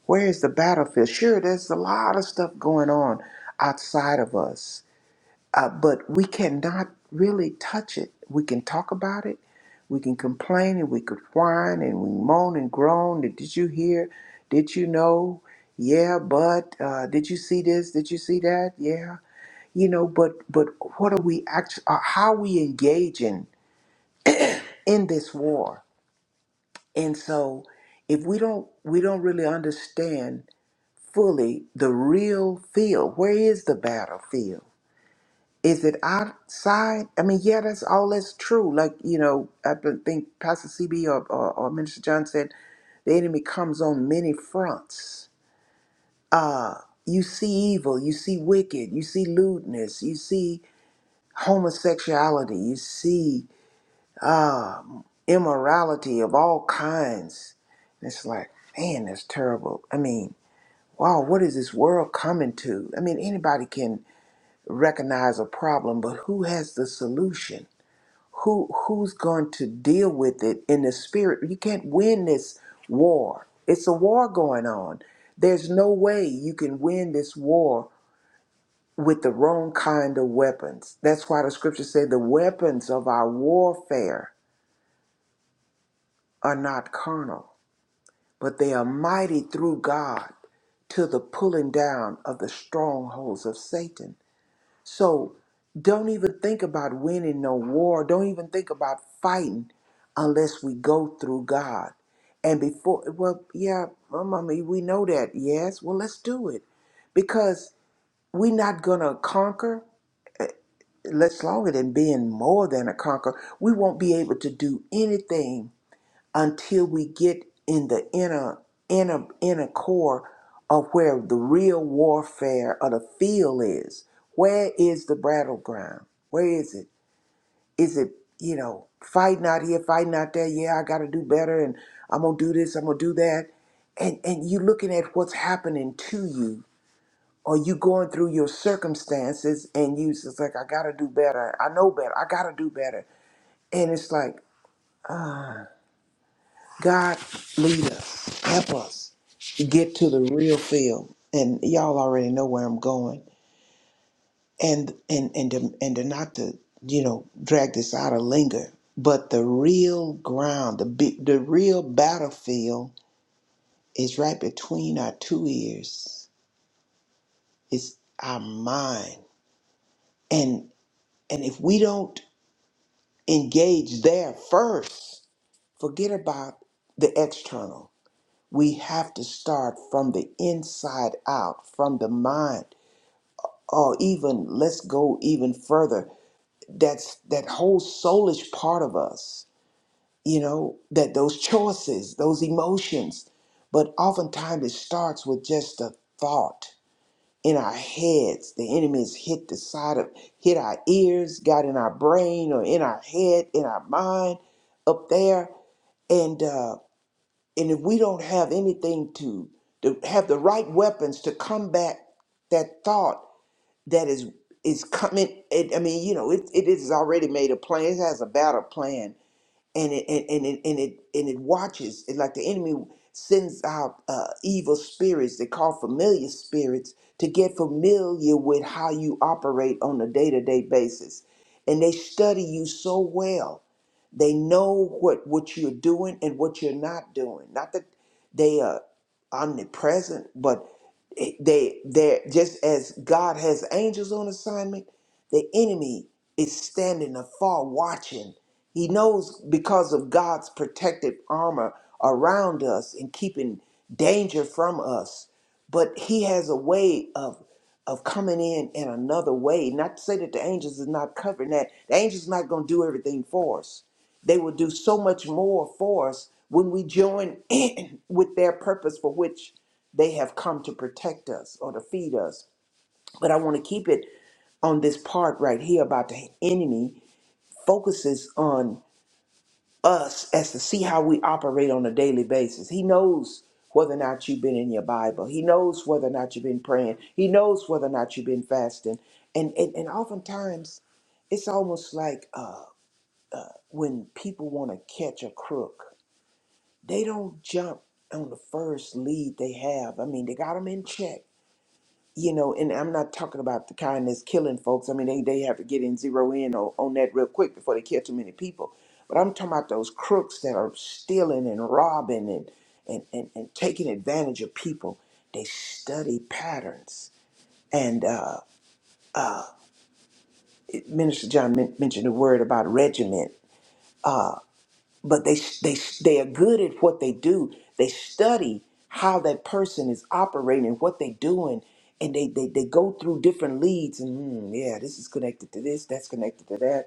[SPEAKER 4] where is the battlefield sure there's a lot of stuff going on outside of us uh, but we cannot really touch it we can talk about it we can complain and we could whine and we moan and groan did you hear did you know yeah but uh, did you see this did you see that yeah you know but but what are we actually how are we engaging in this war and so if we don't we don't really understand fully the real field where is the battlefield is it outside i mean yeah that's all that's true like you know i don't think pastor cb or, or, or minister john said the enemy comes on many fronts uh you see evil you see wicked you see lewdness you see homosexuality you see um, immorality of all kinds. And it's like, man, that's terrible. I mean, wow, what is this world coming to? I mean, anybody can recognize a problem, but who has the solution? Who who's going to deal with it in the spirit? You can't win this war. It's a war going on. There's no way you can win this war with the wrong kind of weapons. That's why the scriptures say the weapons of our warfare are not carnal but they are mighty through God to the pulling down of the strongholds of Satan. So don't even think about winning no war. Don't even think about fighting unless we go through God. And before, well, yeah, well, mommy, we know that. Yes, well, let's do it because we're not gonna conquer. Let's longer than being more than a conqueror. We won't be able to do anything until we get in the inner inner inner core of where the real warfare of the field is. Where is the battleground? Where is it? Is it, you know, fighting out here, fighting out there, yeah, I gotta do better and I'm gonna do this, I'm gonna do that. And and you looking at what's happening to you, or you going through your circumstances and you just like, I gotta do better, I know better, I gotta do better. And it's like God lead us, help us get to the real field. And y'all already know where I'm going. And and and to, and to not to you know drag this out or linger, but the real ground, the big, the real battlefield is right between our two ears. It's our mind, and and if we don't engage there first, forget about the external We have to start from the inside out, from the mind, or even let's go even further. That's that whole soulish part of us, you know, that those choices, those emotions. But oftentimes it starts with just a thought in our heads. The enemy has hit the side of, hit our ears, got in our brain or in our head, in our mind, up there. And uh, and if we don't have anything to, to have the right weapons to combat that thought that is is coming, it, I mean, you know, it, it is already made a plan. It has a battle plan and it and, and it and it and it watches It's like the enemy sends out uh, evil spirits they call familiar spirits to get familiar with how you operate on a day-to-day basis and they study you so well they know what what you're doing and what you're not doing not that they are omnipresent but it- they they're just as god has angels on assignment the enemy is standing afar watching he knows because of God's protective armor around us and keeping danger from us. But he has a way of of coming in in another way. Not to say that the angels is not covering that. The angels not going to do everything for us. They will do so much more for us when we join in with their purpose for which they have come to protect us or to feed us. But I want to keep it on this part right here about the enemy focuses on us as to see how we operate on a daily basis. He knows whether or not you've been in your Bible. He knows whether or not you've been praying. He knows whether or not you've been fasting. And and, and oftentimes, it's almost like uh, uh, when people want to catch a crook, they don't jump on the first lead they have. I mean, they got them in check you know, and I'm not talking about the kind that's killing folks. I mean, they, they have to get in zero in on, on that real quick before they kill too many people. But I'm talking about those crooks that are stealing and robbing and, and, and, and taking advantage of people. They study patterns. And uh, uh, it- Minister John men- mentioned a word about regiment. Uh, but they they they are good at what they do. They study how that person is operating, what they're doing, and they they, they go through different leads. And hmm, yeah, this is connected to this. That's connected to that.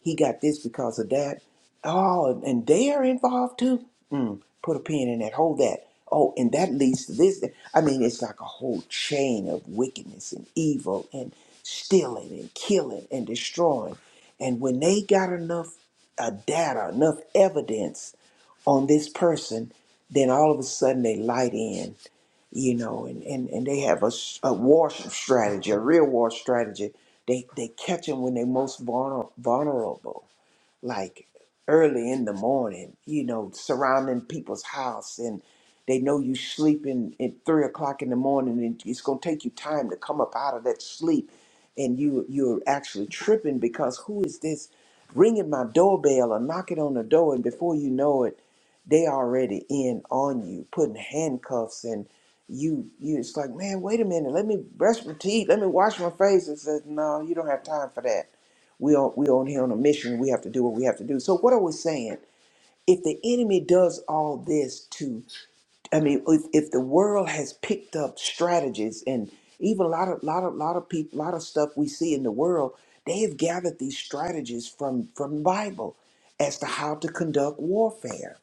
[SPEAKER 4] He got this because of that. Oh, and they are involved too. Mm, put a pin in that. Hold that. Oh, and that leads to this. I mean, it's like a whole chain of wickedness and evil and stealing and killing and destroying. And when they got enough a data, enough evidence on this person, then all of a sudden they light in, you know, and, and, and they have a, s- a war strategy, a real war strategy. They, they catch them when they're most vulner- vulnerable like early in the morning, you know, surrounding people's house and they know you sleeping at three o'clock in the morning and it's gonna take you time to come up out of that sleep and you you're actually tripping because who is this ringing my doorbell or knocking on the door and before you know it they already in on you putting handcuffs and you you it's like man wait a minute let me brush my teeth let me wash my face and says no you don't have time for that we are we on here on a mission. We have to do what we have to do. So what are we saying? If the enemy does all this to, I mean, if, if the world has picked up strategies and even a lot of lot of lot of people, lot of stuff we see in the world, they have gathered these strategies from from Bible as to how to conduct warfare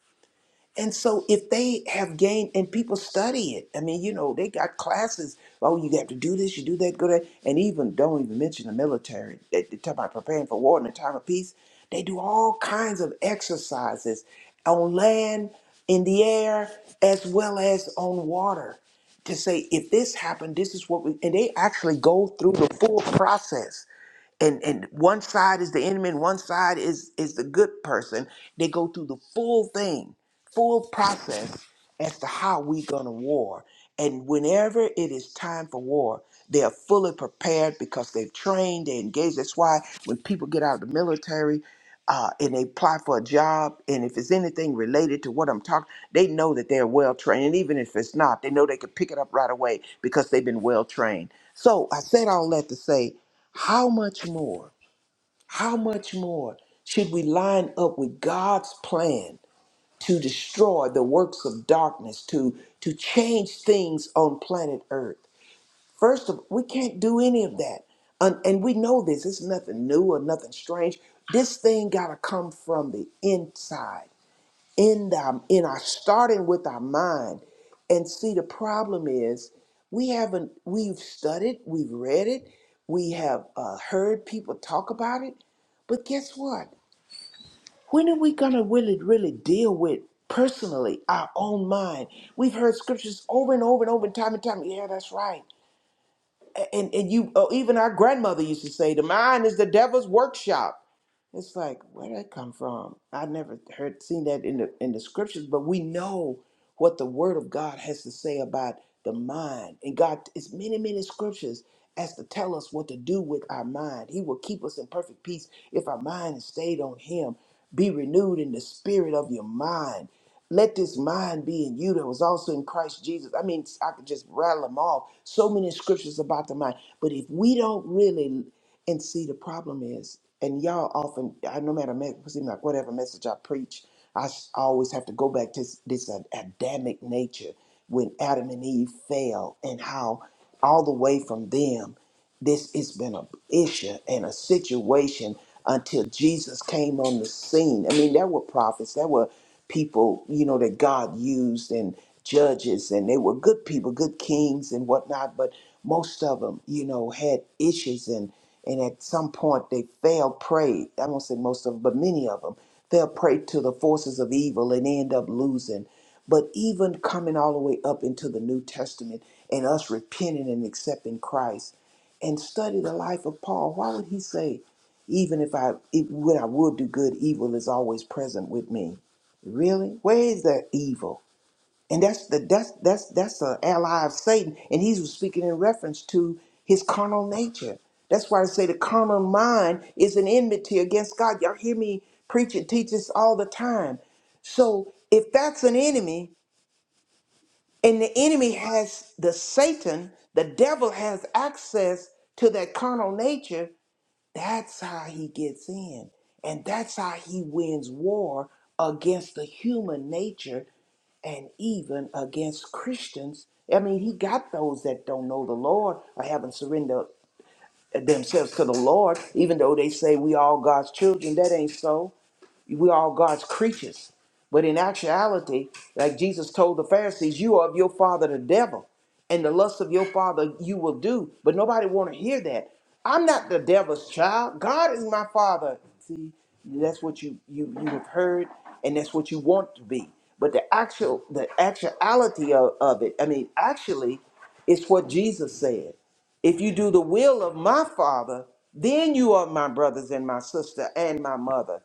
[SPEAKER 4] and so if they have gained and people study it, I mean, you know, they got classes. Oh, you have to do this, you do that, go that, and even don't even mention the military. They, they talk about preparing for war in a time of peace. They do all kinds of exercises on land, in the air, as well as on water to say if this happened, this is what we and they actually go through the full process and and one side is the enemy and one side is is the good person they go through the full thing full process as to how we gonna war and whenever it is time for war they are fully prepared because they've trained they engaged that's why when people get out of the military uh, and they apply for a job and if it's anything related to what i'm talking they know that they're well trained and even if it's not they know they can pick it up right away because they've been well trained so i said all that to say how much more? How much more should we line up with God's plan to destroy the works of darkness, to, to change things on planet Earth? First of all, we can't do any of that. And, and we know this, it's nothing new or nothing strange. This thing got to come from the inside in the in our starting with our mind and see the problem is we haven't we've studied we've read it we have uh, heard people talk about it but guess what when are we gonna really really deal with personally our own mind we've heard scriptures over and over and over and time and time yeah that's right and and you oh, even our grandmother used to say the mind is the devil's workshop it's like where did that come from i never heard seen that in the in the scriptures but we know what the word of god has to say about the mind and god it's many many scriptures as to tell us what to do with our mind he will keep us in perfect peace if our mind is stayed on him be renewed in the spirit of your mind let this mind be in you that was also in Christ Jesus. I mean, I could just rattle them off. So many scriptures about the mind. But if we don't really, and see, the problem is, and y'all often, I no matter me- seem like whatever message I preach, I s- always have to go back to this, this Ad- Adamic nature when Adam and Eve fell, and how all the way from them, this has been an issue and a situation until Jesus came on the scene. I mean, there were prophets, there were people, you know, that God used and judges, and they were good people, good kings and whatnot, but most of them, you know, had issues and and at some point they fell prey. I won't say most of them, but many of them fell prey to the forces of evil and end up losing. But even coming all the way up into the New Testament and us repenting and accepting Christ and study the life of Paul, why would he say, even if I, if what I would do good, evil is always present with me. Really? Where is that evil? And that's the that's that's that's an ally of Satan, and he's speaking in reference to his carnal nature. That's why I say the carnal mind is an enmity against God. Y'all hear me preach and teach this all the time. So if that's an enemy, and the enemy has the Satan, the devil has access to that carnal nature, that's how he gets in. And that's how he wins war against the human nature and even against Christians. I mean, he got those that don't know the Lord or haven't surrendered themselves to the Lord, even though they say we all God's children. That ain't so. We're all God's creatures. But in actuality, like Jesus told the Pharisees, you are of your father the devil, and the lust of your father you will do. But nobody want to hear that. I'm not the devil's child. God is my father. See, that's what you you you have heard, and that's what you want to be. But the actual the actuality of, of it, I mean, actually, it's what Jesus said. If you do the will of my father, then you are my brothers and my sister and my mother.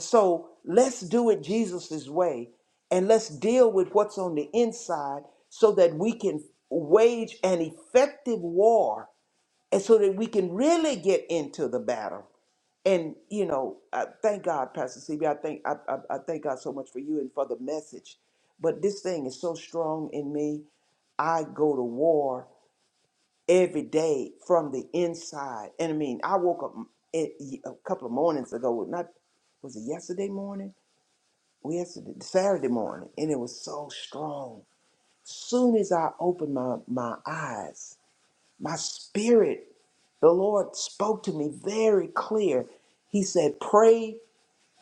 [SPEAKER 4] So let's do it Jesus's way and let's deal with what's on the inside so that we can wage an effective war and so that we can really get into the battle. And you know, I thank God, Pastor C B. I thank I, I, I thank God so much for you and for the message. But this thing is so strong in me. I go to war every day from the inside. And I mean, I woke up mm, it- a couple of mornings ago. Not was it yesterday morning? yesterday Saturday morning, and it was so strong. Soon as I opened my my eyes, my spirit, the Lord spoke to me very clear. He said, "Pray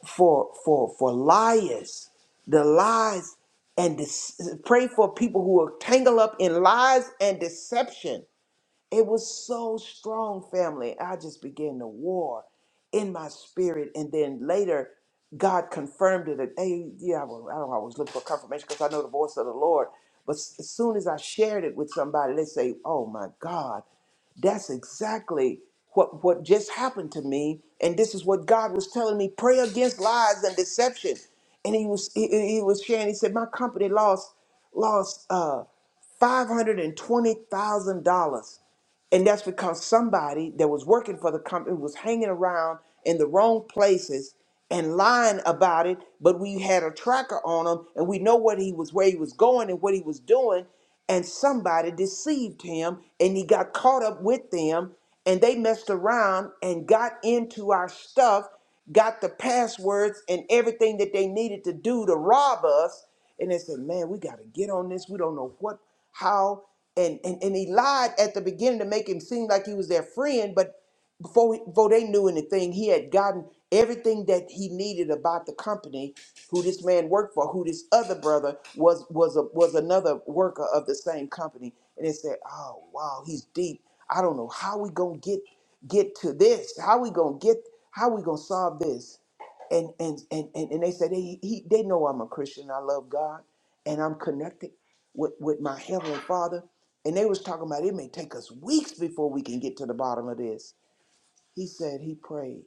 [SPEAKER 4] for for for liars, the lies, and dece- pray for people who are tangled up in lies and deception." It was so strong, family. I just began to war in my spirit. And then later, God confirmed it. Hey, yeah, well, I don't always look for confirmation because I know the voice of the Lord. But s- as soon as I shared it with somebody, they say, Oh my God, that's exactly what, what just happened to me. And this is what God was telling me pray against lies and deception. And he was he, he he was sharing, he said, My company lost lost uh $520,000 and that's because somebody that was working for the company was hanging around in the wrong places and lying about it. But we had a tracker on him and we know what he was, where he was going and what he was doing. And somebody deceived him and he got caught up with them and they messed around and got into our stuff, got the passwords and everything that they needed to do to rob us. And they said, man, we got to get on this. We don't know what how and, and and he lied at the beginning to make him seem like he was their friend, but before before they knew anything, he had gotten everything that he needed about the company who this man worked for, who this other brother was was a was another worker of the same company. And they said, "Oh wow, he's deep. I don't know how we gonna get get to this. How we gonna get? How we gonna solve this?" And and and and, and they said, "They he, they know I'm a Christian. I love God, and I'm connected." with, with my heavenly father and they was talking about it may take us weeks before we can get to the bottom of this he said he prayed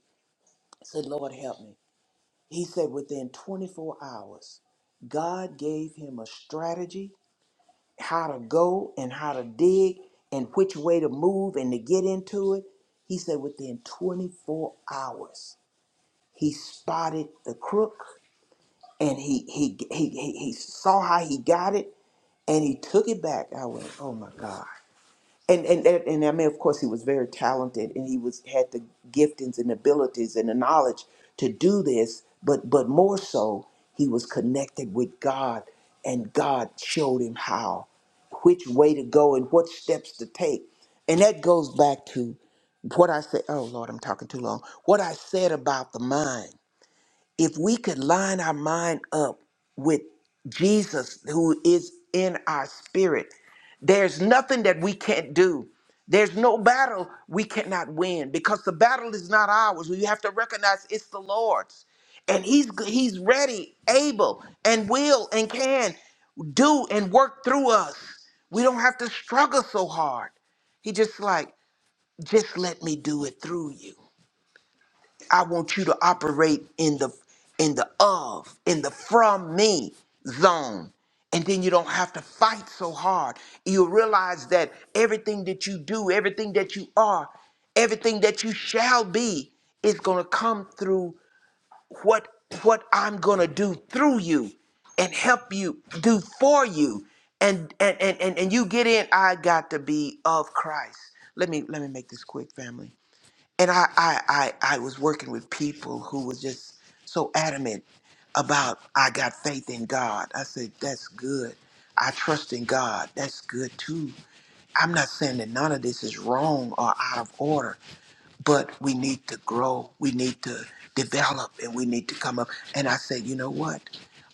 [SPEAKER 4] said lord help me he said within 24 hours god gave him a strategy how to go and how to dig and which way to move and to get into it he said within 24 hours he spotted the crook and he he he, he, he saw how he got it and he took it back i went oh my god and and and and I mean, of course, he was very talented, and he was had the giftings and abilities and the knowledge to do this. But but more so, he was connected with God, and God showed him how, which way to go, and what steps to take. And that goes back to what I said. Oh Lord, I'm talking too long. What I said about the mind if we could line our mind up with Jesus who is in our spirit, there's nothing that we can't do. There's no battle we cannot win because the battle is not ours. We have to recognize it's the Lord's. And he's he's ready, able and will and can do and work through us. We don't have to struggle so hard. He just like just let me do it through you. I want you to operate in the in the of, in the from me zone. And then you don't have to fight so hard. You realize that everything that you do, everything that you are, everything that you shall be is going to come through what what I'm going to do through you and help you do for you. And and and and, and you get in I got to be of Christ. Let me let me make this quick, family and I, I I I was working with people who was just so adamant about I got faith in God. I said that's good. I trust in God. That's good too. I'm not saying that none of this is wrong or out of order but we need to grow, we need to develop, and we need to come up. And I said, you know what?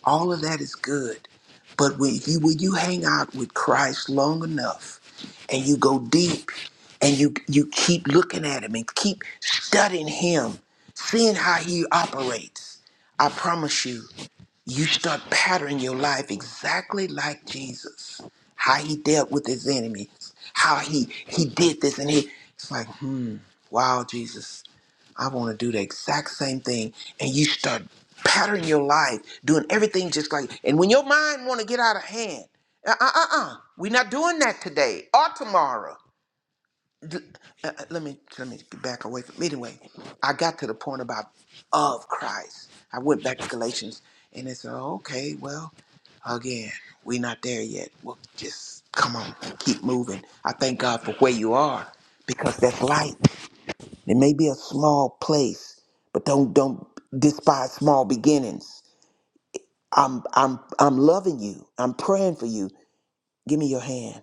[SPEAKER 4] All of that is good, but when you when you hang out with Christ long enough, and you go deep, and you you keep looking at Him and keep studying Him, seeing how He operates, I promise you you start patterning your life exactly like Jesus. How he dealt with his enemies, how he he did this and he it's like, hmm, wow, Jesus, I want to do the exact same thing. And you start patterning your life, doing everything just like and when your mind wanna get out of hand, uh uh uh uh, we're not doing that today or tomorrow d- uh, uh, let me let me back away from anyway i got to the point about of christ i went back to galatians and it's oh, okay well again we're not there yet well just come on keep moving i thank god for where you are because that's light it may be a small place but don't don't despise small beginnings i'm i'm i'm loving you i'm praying for you give me your hand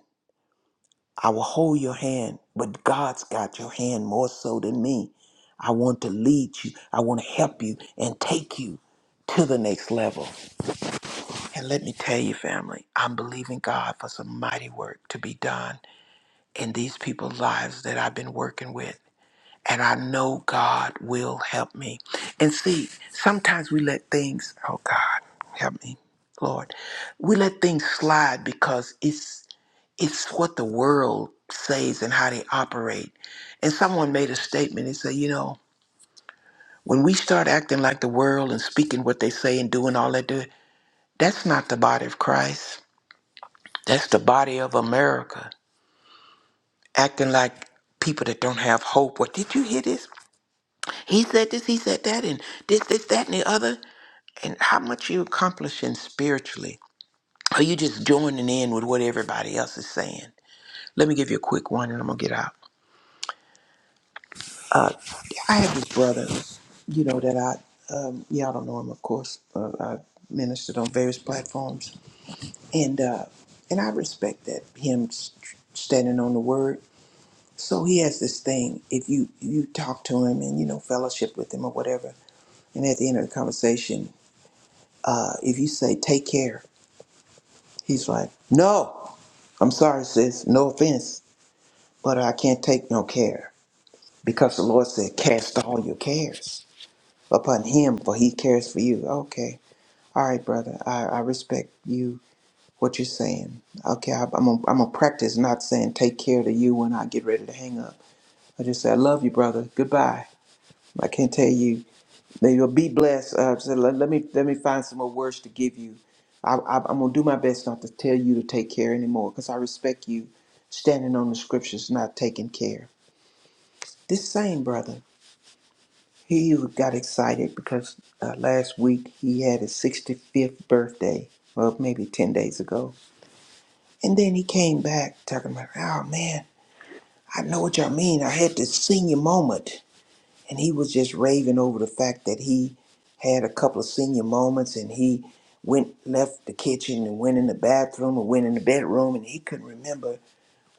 [SPEAKER 4] I will hold your hand, but God's got your hand more so than me. I want to lead you, I want to help you and take you to the next level. And let me tell you, family, I'm believing God for some mighty work to be done in these people's lives that I've been working with. And I know God will help me. And see, sometimes we let things, oh God, help me, Lord. We let things slide because it's it's what the world says and how they operate. And someone made a statement and said, you know, when we start acting like the world and speaking what they say and doing all that, do, that's not the body of Christ. That's the body of America acting like people that don't have hope. What did you hear this? He said this, he said that, and this, this, that, and the other. And how much you accomplishing spiritually? Are you just joining in with what everybody else is saying? Let me give you a quick one and I'm gonna get out. Uh, yeah, I had this brother, you know, that I, um, y'all don't know him, of course. Uh, I ministered on various platforms, and uh, and I respect that him st- standing on the word. So he has this thing. If you you talk to him and you know fellowship with him or whatever, and at the end of the conversation, uh, if you say "take care," he's like, "No, I'm sorry, sis. No offense, but I can't take no care because the Lord said, cast all your cares." upon him, for he cares for you. Okay. All right, brother. I, I respect you, what you're saying. Okay. I, I'm going I'm to practice not saying take care to you when I get ready to hang up. I just say, I love you, brother. Goodbye. I can't tell you. May you be blessed. Uh, so let, let me let me find some more words to give you. I, I, I'm going to do my best not to tell you to take care anymore because I respect you standing on the scriptures, not taking care. This same brother He got excited because uh, last week he had his 65th birthday, well, maybe 10 days ago. And then he came back talking about, oh man, I know what y'all mean. I had this senior moment. And he was just raving over the fact that he had a couple of senior moments and he went, left the kitchen and went in the bathroom and went in the bedroom and he couldn't remember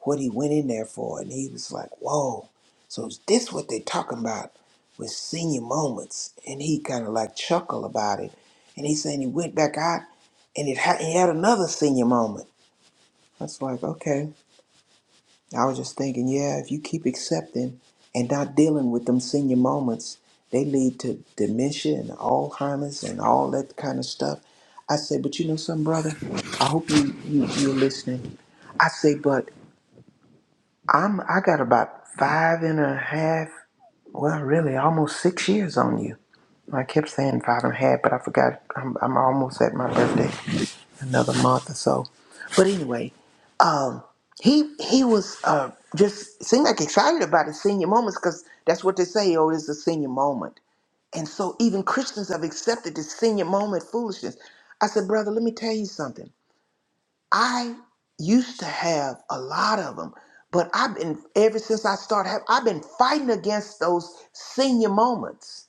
[SPEAKER 4] what he went in there for, and he was like, "Whoa!" So is this what they talking about with senior moments? And he kind of like chuckled about it, and he said he went back out, and it ha- he had another senior moment. That's like, okay. I was just thinking, yeah, if you keep accepting and not dealing with them senior moments, they lead to dementia and Alzheimer's and all that kind of stuff. I say, but you know something, brother? I hope you, you you're listening. I say, but I'm I got about five and a half, well, really almost six years on you. I kept saying five and a half, but I forgot I'm, I'm almost at my birthday, another month or so. But anyway, um, he he was uh, just seemed like excited about his senior moments because that's what they say. Oh, it's a senior moment, and so even Christians have accepted this senior moment foolishness. I said, brother, let me tell you something. I used to have a lot of them, but I've been ever since I started. Have, I've been fighting against those senior moments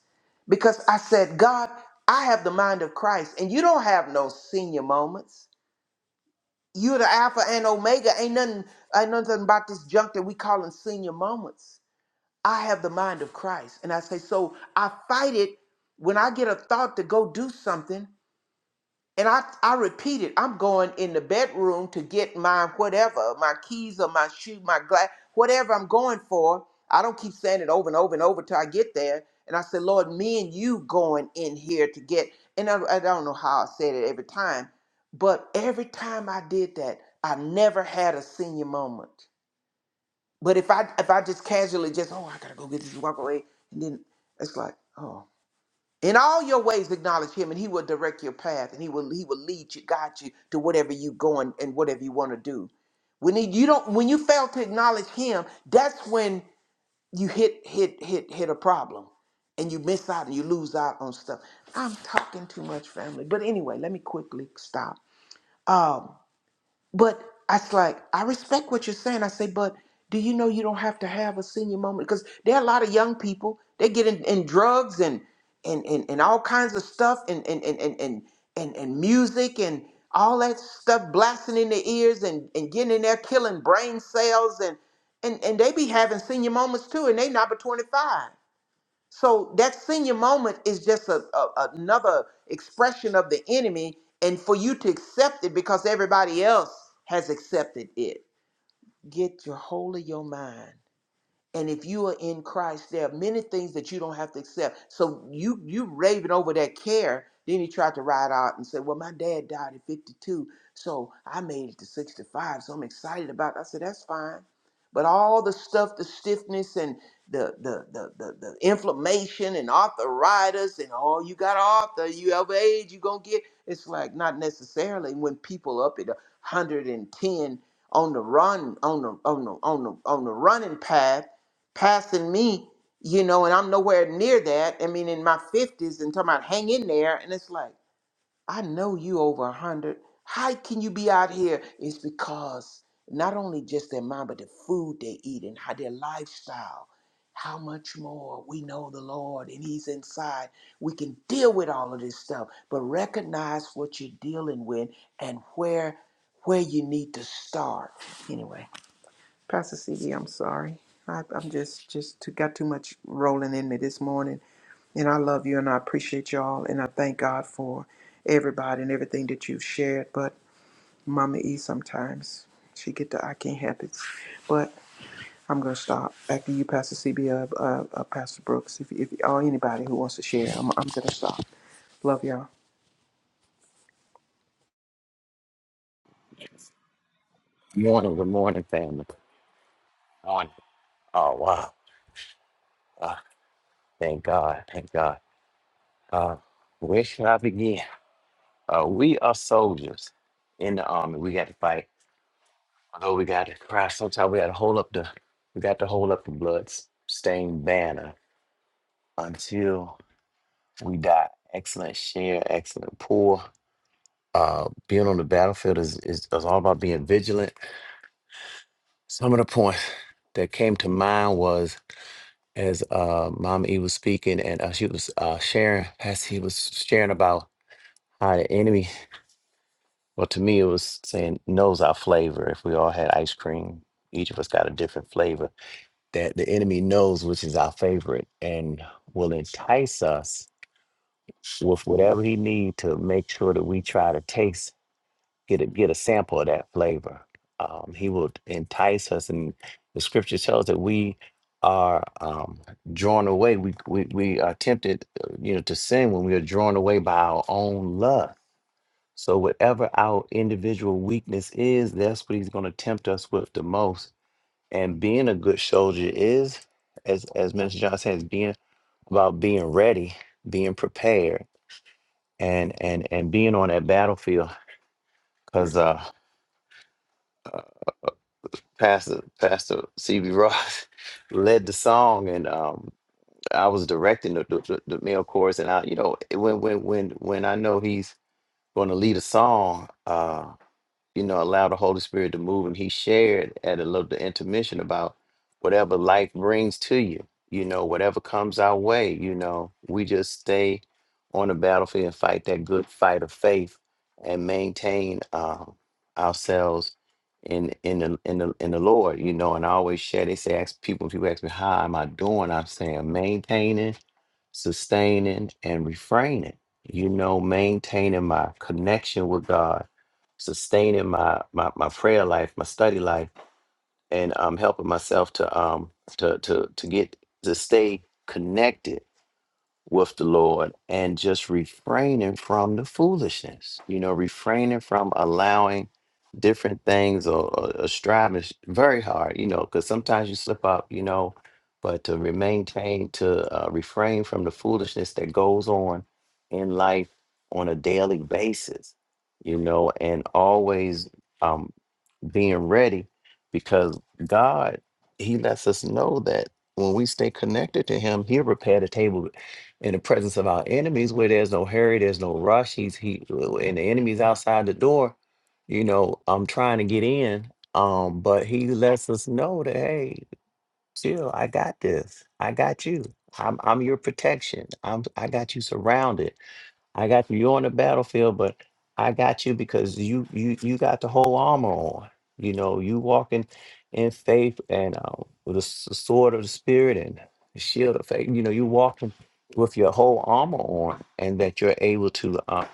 [SPEAKER 4] because I said, God, I have the mind of Christ, and you don't have no senior moments. You're the Alpha and Omega. Ain't nothing, ain't nothing about this junk that we calling senior moments. I have the mind of Christ, and I say so. I fight it when I get a thought to go do something. And I, I repeat it, I'm going in the bedroom to get my whatever, my keys or my shoe, my glass, whatever I'm going for. I don't keep saying it over and over and over till I get there. And I said, Lord, me and you going in here to get, and I, I don't know how I said it every time, but every time I did that, I never had a senior moment. But if I if I just casually just, oh, I gotta go get this walk away, and then it's like, oh. In all your ways, acknowledge Him, and He will direct your path, and He will He will lead you, guide you to whatever you going and whatever you want to do. When he, you don't, when you fail to acknowledge Him, that's when you hit hit hit hit a problem, and you miss out and you lose out on stuff. I'm talking too much, family. But anyway, let me quickly stop. Um, but I was like, I respect what you're saying. I say, but do you know you don't have to have a senior moment? Because there are a lot of young people, they get in, in drugs and, and, and, and all kinds of stuff and, and, and, and, and, and, and music and all that stuff blasting in their ears and, and getting in there killing brain cells and, and, and they be having senior moments too and they not but 25. So that senior moment is just a, a- another expression of the enemy, and for you to accept it because everybody else has accepted it. Get your hold of your mind. And if you are in Christ, there are many things that you don't have to accept. So you you raving over that care. Then he tried to ride out and said, Well, my dad died at 52, so I made it to 65, so I'm excited about it. I said, That's fine. But all the stuff, the stiffness and the the the the, the inflammation and arthritis and oh, you got arthur, you have age, you gonna get it's like not necessarily when people up at 110 on the run on the on the on the on the running path passing me, you know, and I'm nowhere near that. I mean, in my 50s and talking about hang in there. And it's like, I know you over 100. How can you be out here? It's because not only just their mind, but the food they eat and how their lifestyle. How much more we know the Lord and He's inside. We can deal with all of this stuff, but recognize what you're dealing with and where where you need to start. Anyway. Pastor CD, I'm sorry. I, I'm just just too, got too much rolling in me this morning, and I love you and I appreciate y'all, and I thank God for everybody and everything that you've shared. But Mama E, sometimes she get the I can't help it, but I'm gonna stop after you, Pastor CB, uh, uh, uh, Pastor Brooks, if, if or anybody who wants to share, I'm, I'm gonna stop. Love y'all.
[SPEAKER 6] Morning, good morning, family. Good Morning. Oh wow. Thank God. Thank God. Uh where should I begin? Uh we are soldiers in the army. We got to fight. Although we gotta cry sometimes we gotta hold up the we got to hold up the blood stained banner until we die. Excellent share, excellent pour. Uh being on the battlefield is, is is all about being vigilant. Some of the points that came to mind was as uh Mama E was speaking and uh, she was uh sharing as he was sharing about how the enemy well to me it was saying knows our flavor. If we all had ice cream, each of us got a different flavor that the enemy knows which is our favorite and will entice us with whatever he need to make sure that we try to taste get a, get a sample of that flavor. Um, he will entice us, and the scripture tells that we are um, drawn away. We, we we are tempted, uh, you know, to sin when we are drawn away by our own lust. So whatever our individual weakness is, that's what he's going to tempt us with the most. And being a good soldier is, as as Minister John says, being about being ready, being prepared, and and and being on that battlefield. Because uh, Pastor Pastor CB Ross led the song, and um, I was directing the, the, the the male chorus. And I, you know, when when when when I know he's going to lead a song, uh, you know, allow the Holy Spirit to move. And he shared at a little intermission about whatever life brings to you, you know, whatever comes our way, you know, we just stay on the battlefield and fight that good fight of faith and maintain um, ourselves in in the in the in the Lord, you know, and I always share. They say ask people, people ask me, how am I doing? I'm saying maintaining, sustaining, and refraining. You know, maintaining my connection with God sustaining my my my prayer life, my study life, and um helping myself to um to to to get to stay connected with the Lord and just refraining from the foolishness, you know, refraining from allowing different things or, or, or striving is very hard, you know, because sometimes you slip up, you know, but to re- maintain, to uh, refrain from the foolishness that goes on in life on a daily basis, you know, and always. um being ready because God, He lets us know that when we stay connected to Him, He'll prepare the table in the presence of our enemies where there's no hurry, there's no rush. He's He and the enemy's outside the door, you know, I'm trying to get in. Um, but he lets us know that, hey, chill, I got this. I got you. I'm I'm your protection. I'm I got you surrounded I got you. You're on the battlefield, but I got you because you you you got the whole armor on. You know, you walking in faith and uh, with the s- sword of the spirit and the shield of faith. You know, you walking with your whole armor on, and that you're able to uh,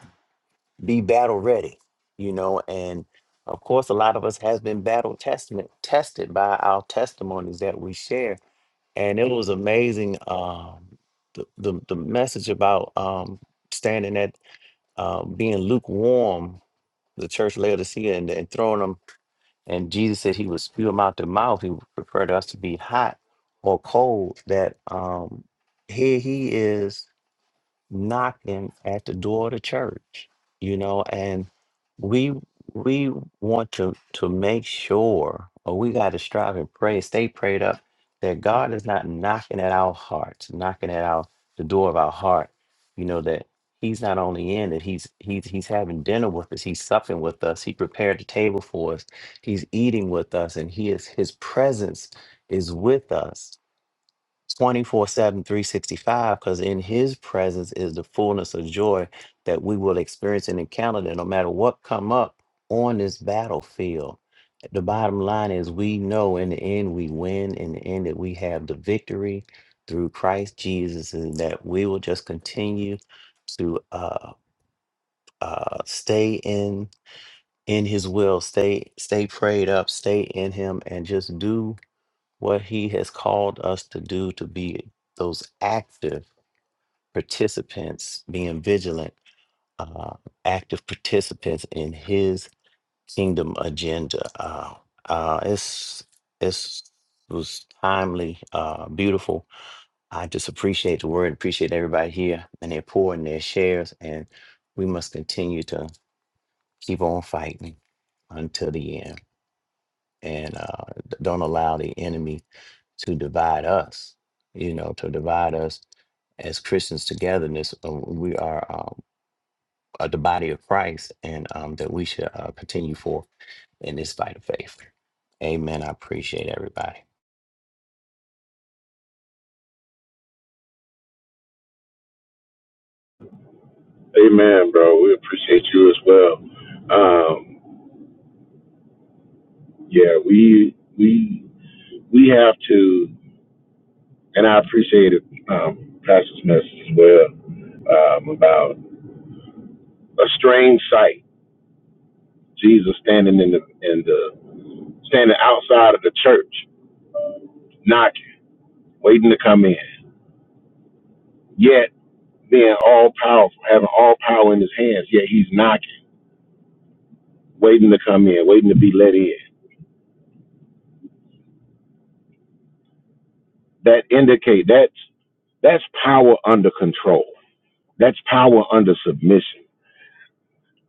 [SPEAKER 6] be battle ready. You know, and of course, a lot of us has been battle testament tested by our testimonies that we share, and it was amazing. Um, the, the the message about um, standing at uh, being lukewarm, the church Laodicea, and, and throwing them. And Jesus said he would spew them out their mouth. He preferred us to be hot or cold. That um, here he is knocking at the door of the church, you know, and we we want to to make sure or we got to strive and pray, stay prayed up that God is not knocking at our hearts, knocking at our the door of our heart, you know, that he's not only in it, he's he's he's having dinner with us, he's supping with us, he prepared the table for us, he's eating with us, and he is his presence is with us 24 7, 365, because in his presence is the fullness of joy that we will experience and encounter that no matter what come up on this battlefield. The bottom line is we know in the end we win, in the end that we have the victory through Christ Jesus, and that we will just continue to uh, uh, stay in in his will, stay, stay prayed up, stay in him, and just do what he has called us to do to be those active participants, being vigilant, uh, active participants in his kingdom agenda. Uh, uh, it's it's it was timely, uh, beautiful. I just appreciate the word, appreciate everybody here and their pour and their shares, and we must continue to keep on fighting until the end, and uh, d- don't allow the enemy to divide us, you know, to divide us as Christians togetherness. uh, We are um, uh, the body of Christ and um, that we should uh, continue forth in this fight of faith. Amen. I appreciate everybody.
[SPEAKER 2] Amen, bro. We appreciate you as well. Um, yeah, we we we have to, and I appreciate it, um, Pastor's message as well um, about a strange sight. Jesus standing in the in the standing outside of the church, knocking, waiting to come in. Yet being all powerful, having all power in his hands, yet he's knocking, waiting to come in, waiting to be let in. That indicate that's that's power under control. That's power under submission.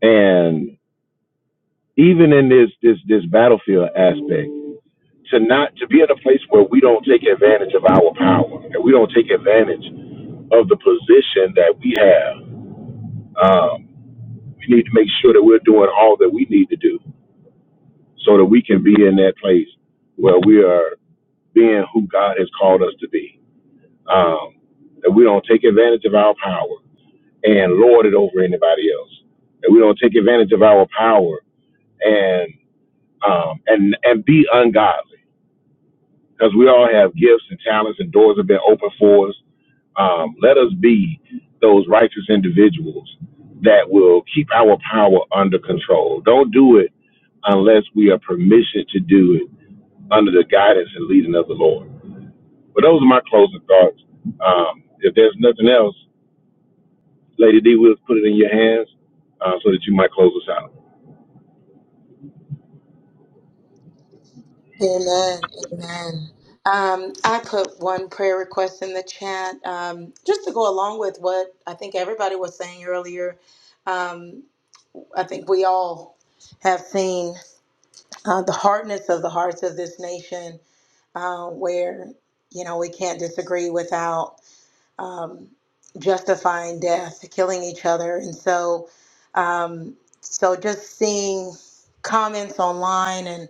[SPEAKER 2] And even in this this this battlefield aspect, to not to be in a place where we don't take advantage of our power and we don't take advantage of the position that we have. Um, we need to make sure that we're doing all that we need to do so that we can be in that place where we are being who God has called us to be. Um, that we don't take advantage of our power and lord it over anybody else. That we don't take advantage of our power and um, and and be ungodly because we all have gifts and talents and doors have been opened for us. Um, let us be those righteous individuals that will keep our power under control. Don't do it unless we are permission to do it under the guidance and leading of the Lord. But those are my closing thoughts. Um, if there's nothing else, Lady D, we'll put it in your hands uh, so that you might close us out.
[SPEAKER 5] Amen. Amen. Um, I put one prayer request in the chat um, just to go along with what I think everybody was saying earlier. Um, I think we all have seen uh, the hardness of the hearts of this nation, uh, where you know we can't disagree without um, justifying death, killing each other, and so um, so just seeing comments online and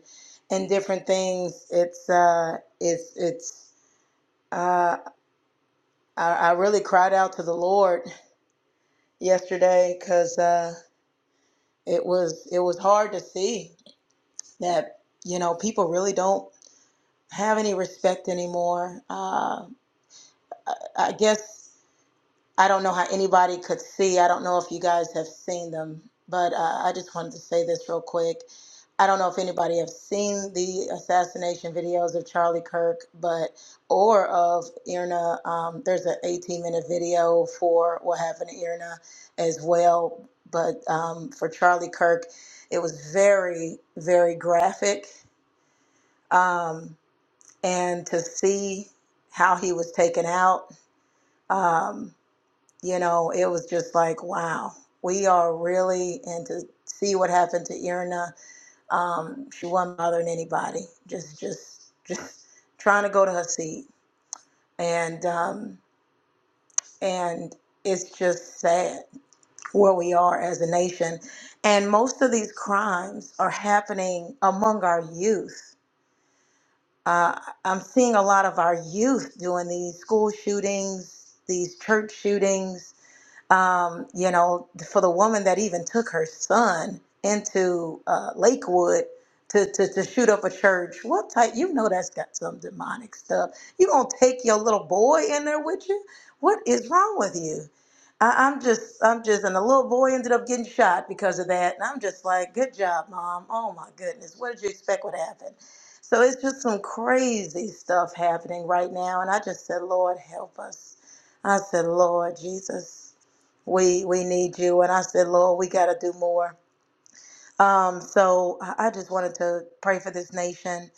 [SPEAKER 5] and different things, it's uh, it's it's uh, I, I really cried out to the Lord yesterday because uh, it was it was hard to see that you know people really don't have any respect anymore. Uh, I, I guess. I don't know how anybody could see. I don't know if you guys have seen them, but uh, I just wanted to say this real quick. I don't know if anybody have seen the assassination videos of Charlie Kirk, but or of Irna. Um, there's an 18 minute video for what happened to Irna as well, but um, for Charlie Kirk, it was very very graphic, um, and to see how he was taken out. Um, you know, it was just like, wow, we are really and to see what happened to Irna. Um, she wasn't bothering anybody, just just just trying to go to her seat. And um, and it's just sad where we are as a nation. And most of these crimes are happening among our youth. Uh, I'm seeing a lot of our youth doing these school shootings, these church shootings, um, you know, for the woman that even took her son into uh, Lakewood to, to, to shoot up a church, what type, you know, that's got some demonic stuff. You gonna take your little boy in there with you? What is wrong with you? I, I'm just, I'm just, and the little boy ended up getting shot because of that. And I'm just like, good job, mom. Oh my goodness. What did you expect would happen? So it's just some crazy stuff happening right now. And I just said, Lord, help us. I said, Lord Jesus, we we need you and i said lord we got to do more um, so i I just wanted to pray for this nation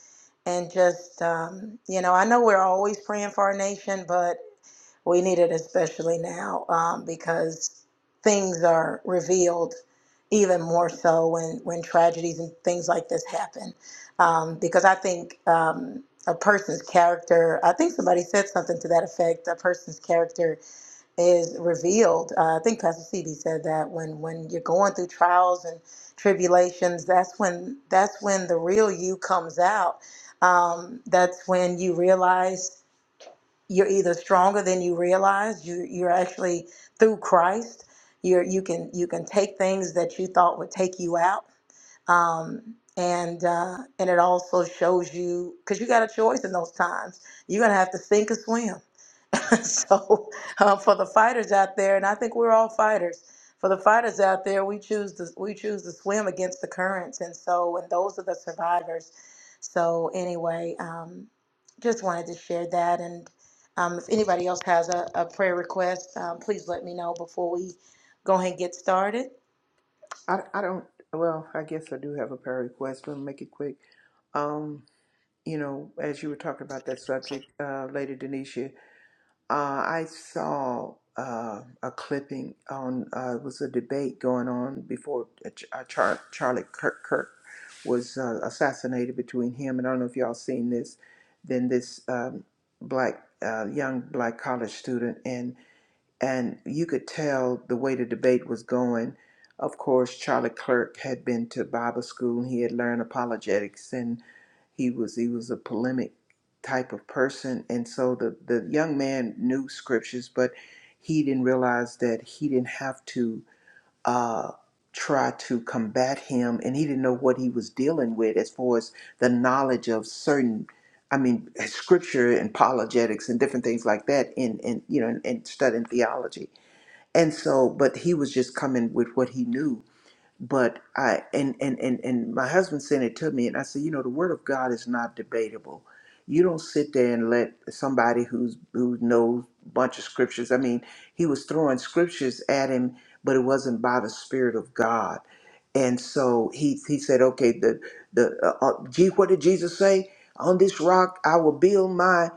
[SPEAKER 5] and just um, you know i know we're always praying for our nation but we need it especially now um, because things are revealed even more so when when tragedies and things like this happen um, because i think um, a person's character i think somebody said something to that effect a person's character is revealed. Uh, I think Pastor CB said that when when you're going through trials and tribulations, that's when that's when the real you comes out. Um, that's when you realize you're either stronger than you realize. You you're actually through Christ. You're you can you can take things that you thought would take you out. Um, and uh, and it also shows you because you got a choice in those times. You're gonna have to sink or swim so uh, for the fighters out there, and I think we're all fighters. For the fighters out there, we choose to we choose to swim against the currents, and so and those are the survivors. So anyway, um, just wanted to share that, and um, if anybody else has a, a prayer request, um, please let me know before we go ahead and get started.
[SPEAKER 4] I, I don't. Well, I guess I do have a prayer request, but I'll make it quick. Um, you know, as you were talking about that subject, uh, Lady Denisha, Uh, I saw uh, a clipping on uh, it was a debate going on before uh, Ch- uh, Char- Charlie Kirk Kirk was uh, assassinated between him and I don't know if y'all seen this. Then this um, black uh, young black college student and and you could tell the way the debate was going. Of course, Charlie Clerk had been to Bible school and he had learned apologetics, and he was he was a polemic type of person, and so the the young man knew scriptures, but he didn't realize that he didn't have to uh, try to combat him, and he didn't know what he was dealing with as far as the knowledge of certain, I mean, scripture and apologetics and different things like that in, in you know, in, in studying theology. And so, but he was just coming with what he knew but I and and and and my husband sent it to me, and I said, you know, the word of God is not debatable. You don't sit there and let somebody who's who knows a bunch of scriptures. I mean, he was throwing scriptures at him, but it wasn't by the Spirit of God. And so he he said, okay, the the uh, uh, gee, what did Jesus say? On this rock I will build my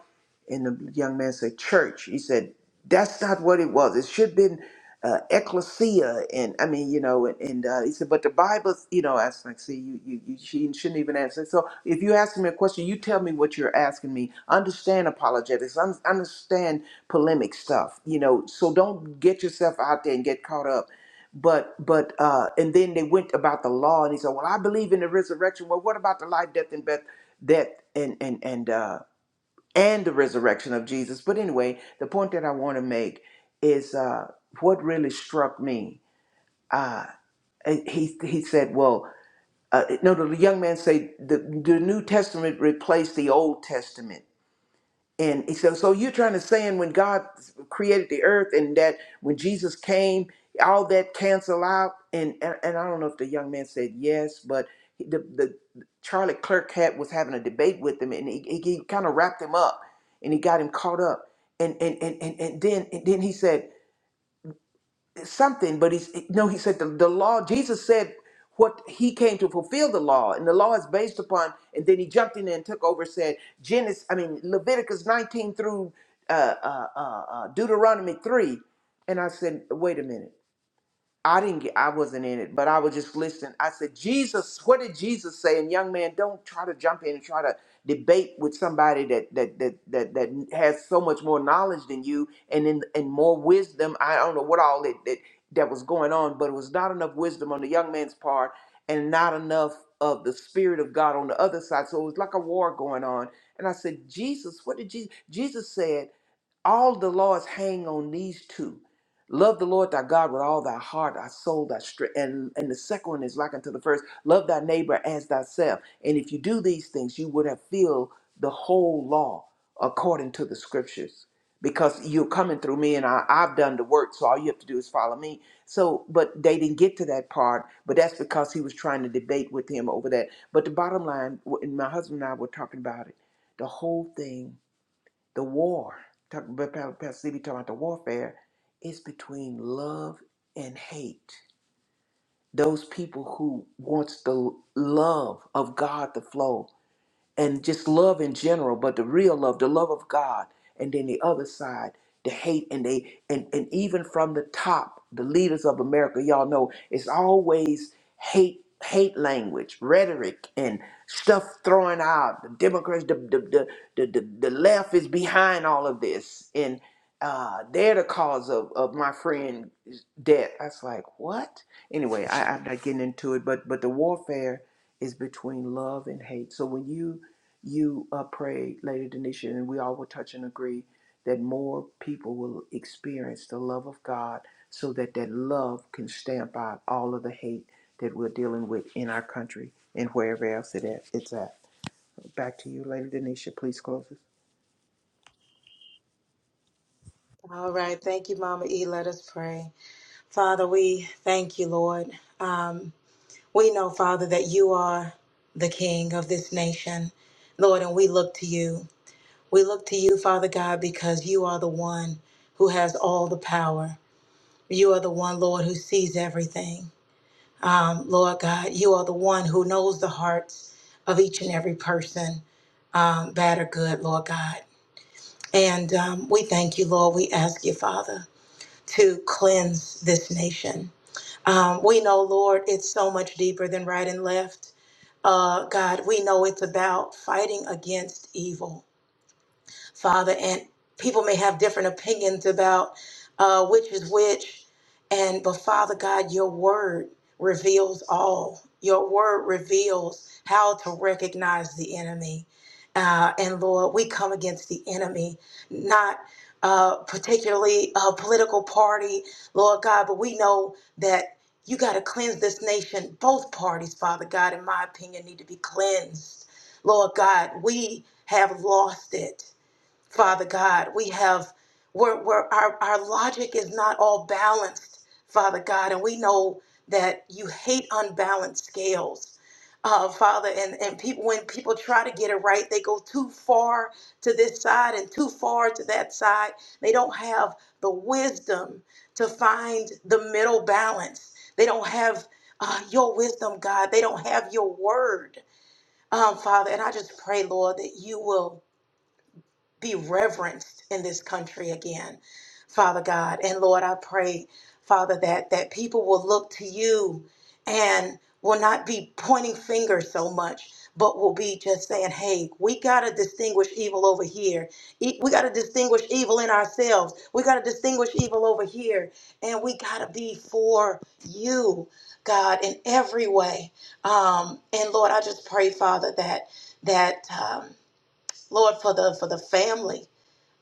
[SPEAKER 4] and the young man said, Church. He said, That's not what it was. It should have been uh, ecclesia. And I mean, you know, and, and uh, he said, But the Bible, you know, I was like, See, you, you, you she shouldn't even answer. So if you ask me a question, you tell me what you're asking me. Understand apologetics, un- understand polemic stuff, you know, so don't get yourself out there and get caught up. But but uh and then they went about the law and he said, Well, I believe in the resurrection. Well, what about the life, death, and death death and and and uh and the resurrection of Jesus. But anyway, the point that I want to make is uh, what really struck me. Uh, eh, he he said, "Well, uh, no." The young man said, the, "The New Testament replaced the Old Testament." And he said, so you're trying to saying when God created the earth and that when Jesus came, all that cancel out. And, and and I don't know if the young man said yes, but he- the the Charlie Clerk had was having a debate with him, and he, he, he kind of wrapped him up, and he got him caught up. And and and and, and then and then he said something, but he's no, he said the, the law, Jesus said what he came to fulfill the law, and the law is based upon, and then he jumped in and took over, said Genesis, I mean Leviticus 19 through uh, uh, uh, uh, Deuteronomy 3. And I said, wait a minute. I didn't get, I wasn't in it, but I was just listening. I said, Jesus, what did Jesus say? And young man, don't try to jump in and try to debate with somebody that that that that, that has so much more knowledge than you and in, and more wisdom. I don't know what all that, that that was going on, but it was not enough wisdom on the young man's part and not enough of the spirit of God on the other side. So it was like a war going on. And I said, Jesus, what did Jesus? Jesus said. All the laws hang on these two. Love the Lord thy God with all thy heart, thy soul, thy strength. And, and the second one is like unto the first. Love thy neighbor as thyself. And if you do these things, you would have filled the whole law according to the scriptures. Because you're coming through me and I, I've done the work, so all you have to do is follow me. So, but they didn't get to that part, but that's because he was trying to debate with him over that. But the bottom line, and my husband and I were talking about it, the whole thing the war, talk, Pastor CB talking about the warfare, is between love and hate. Those people who wants the love of God to flow and just love in general, but the real love, the love of God, and then the other side, the hate, and they and and even from the top, the leaders of America, y'all know it's always hate, hate language, rhetoric, and stuff thrown out. The Democrats, the the the the, the, the left is behind all of this, and uh, they're the cause of of my friend's death. I was like, what? Anyway, I, I'm not getting into it, but but the warfare is between love and hate. So when you you uh, prayed, Lady Denisha, and we all will touch and agree that more people will experience the love of God so that that love can stamp out all of the hate that we're dealing with in our country and wherever else it at, it's at. Back to you, Lady Denisha. Please close us.
[SPEAKER 5] All right, thank you, Mama E. Let us pray, Father. We thank you, Lord. Um, We know, Father, that you are the King of this nation, Lord, and we look to you. We look to you, Father God, because you are the one who has all the power. You are the one, Lord, who sees everything. Um, Lord God, you are the one who knows the hearts of each and every person, um, bad or good, Lord God. And um, we thank you, Lord. We ask you, Father, to cleanse this nation. Um, we know, Lord, it's so much deeper than right and left. Uh, God, we know it's about fighting against evil. Father, and people may have different opinions about uh, which is which. And but Father God, your word reveals all. Your word reveals how to recognize the enemy. Uh, and Lord, we come against the enemy, not uh, particularly a political party, Lord God, but we know that you got to cleanse this nation. Both parties, Father God, in my opinion, need to be cleansed. Lord God, we have lost it. Father God. We have we're, we're, our, our logic is not all balanced, Father God, and we know that you hate unbalanced scales. Uh, Father, and, and people when people try to get it right, they go too far to this side and too far to that side. They don't have the wisdom to find the middle balance. They don't have uh, your wisdom, God. They don't have your word, um, Father. And I just pray, Lord, that you will be reverenced in this country again, Father God. And Lord, I pray, Father, that that people will look to you and will not be pointing fingers so much, but will be just saying, "Hey, we got to distinguish evil over here. E- We got to distinguish evil in ourselves. We got to distinguish evil over here, and we got to be for you." God, in every way, um, and Lord, I just pray, Father, that that um, Lord for the for the family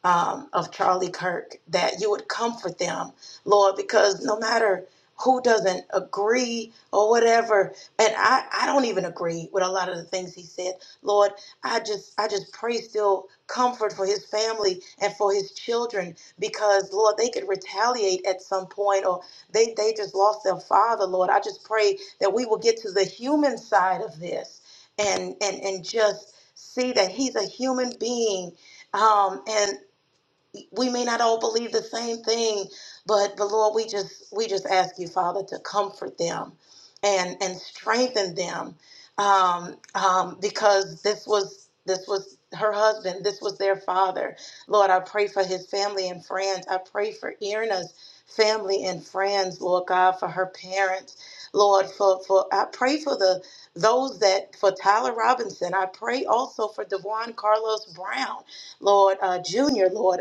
[SPEAKER 5] um, of Charlie Kirk, that you would comfort them, Lord, because no matter who doesn't agree or whatever, and I, I don't even agree with a lot of the things he said, Lord, I just I just pray still comfort for his family and for his children because Lord, they could retaliate at some point or they, they just lost their father, Lord. I just pray that we will get to the human side of this and and and just see that he's a human being um, and we may not all believe the same thing, but but Lord, we just we just ask you, Father, to comfort them and and strengthen them, um, um, because this was this was her husband, this was their father. Lord, I pray for his family and friends. I pray for Irna's family and friends, Lord God, for her parents. Lord, for, for I pray for the those that for Tyler Robinson. I pray also for Devon Carlos Brown. Lord uh, Jr., Lord.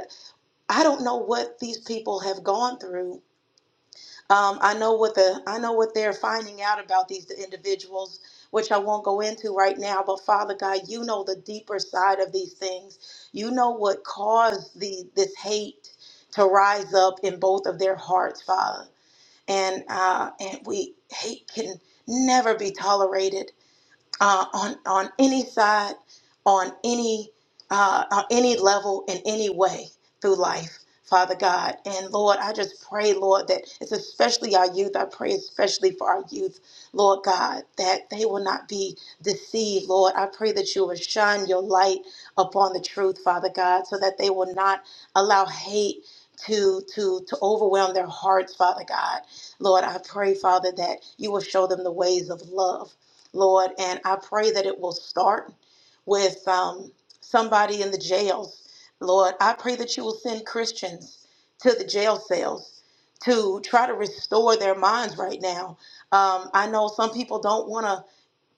[SPEAKER 5] I don't know what these people have gone through. Um, I know what the I know what they're finding out about these individuals, which I won't go into right now. But Father God, you know the deeper side of these things. You know what caused the this hate to rise up in both of their hearts, Father. And uh, and we hate can never be tolerated uh, on on any side, on any uh, on any level, in any way through life, Father God and Lord. I just pray, Lord, that it's especially our youth. I pray especially for our youth, Lord God, that they will not be deceived, Lord. I pray that you will shine your light upon the truth, Father God, so that they will not allow hate. To, to to overwhelm their hearts, Father God. Lord, I pray, Father, that you will show them the ways of love. Lord, and I pray that it will start with um, somebody in the jails. Lord, I pray that you will send Christians to the jail cells to try to restore their minds right now. Um, I know some people don't want to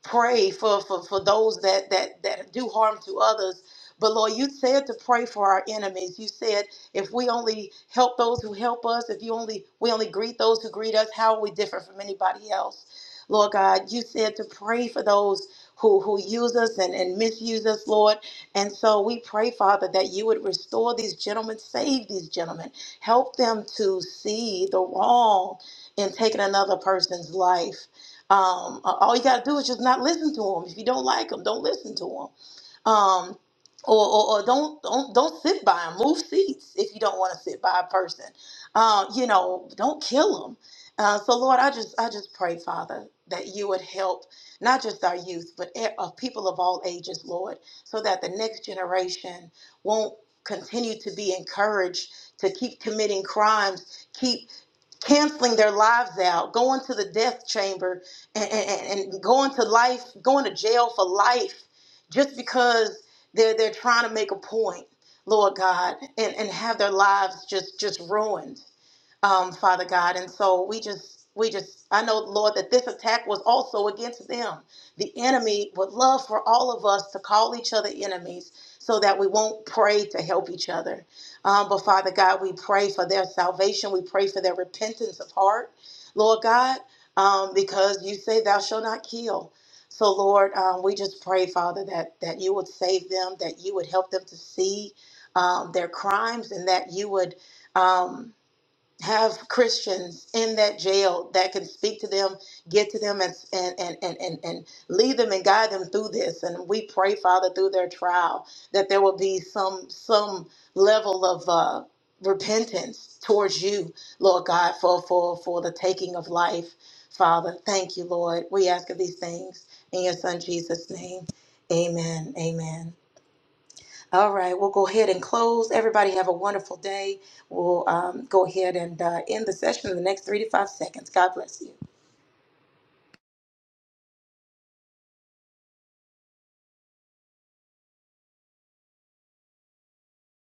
[SPEAKER 5] pray for, for, for those that, that, that do harm to others. But Lord, you said to pray for our enemies. You said if we only help those who help us, if you only we only greet those who greet us, how are we different from anybody else? Lord God, you said to pray for those who, who use us and, and misuse us, Lord. And so we pray, Father, that you would restore these gentlemen, save these gentlemen, help them to see the wrong in taking another person's life. Um, a- all you got to do is just not listen to them. If you don't like them, don't listen to them. Um, or, or, or don't don't don't sit by them. Move seats if you don't want to sit by a person. Uh, you know, don't kill them. Uh, so Lord, I just I just pray, Father, that you would help not just our youth, but e- of people of all ages, Lord, so that the next generation won't continue to be encouraged to keep committing crimes, keep canceling their lives out, going to the death chamber and, and, and going to life, going to jail for life just because they're they're trying to make a point, Lord God, and, and have their lives just just ruined um, Father God. And so we just, we just, I know, Lord, that this attack was also against them. The enemy would love for all of us to call each other enemies so that we won't pray to help each other. Um, but Father God, we pray for their salvation. We pray for their repentance of heart, Lord God, um, because you say, Thou shalt not kill. So, Lord, um, we just pray, Father, that, that you would save them, that you would help them to see um, their crimes, and that you would. Um, have Christians in that jail that can speak to them, get to them, and and and and and, and lead them and guide them through this. And we pray, Father, through their trial, that there will be some some level of uh, repentance towards you, Lord God, for for for the taking of life, Father. Thank you, Lord. We ask of these things in your Son Jesus' name. Amen. Amen. All right, we'll go ahead and close. Everybody have a wonderful day. We'll um, go ahead and uh, end the session in the next three to five seconds. God bless you.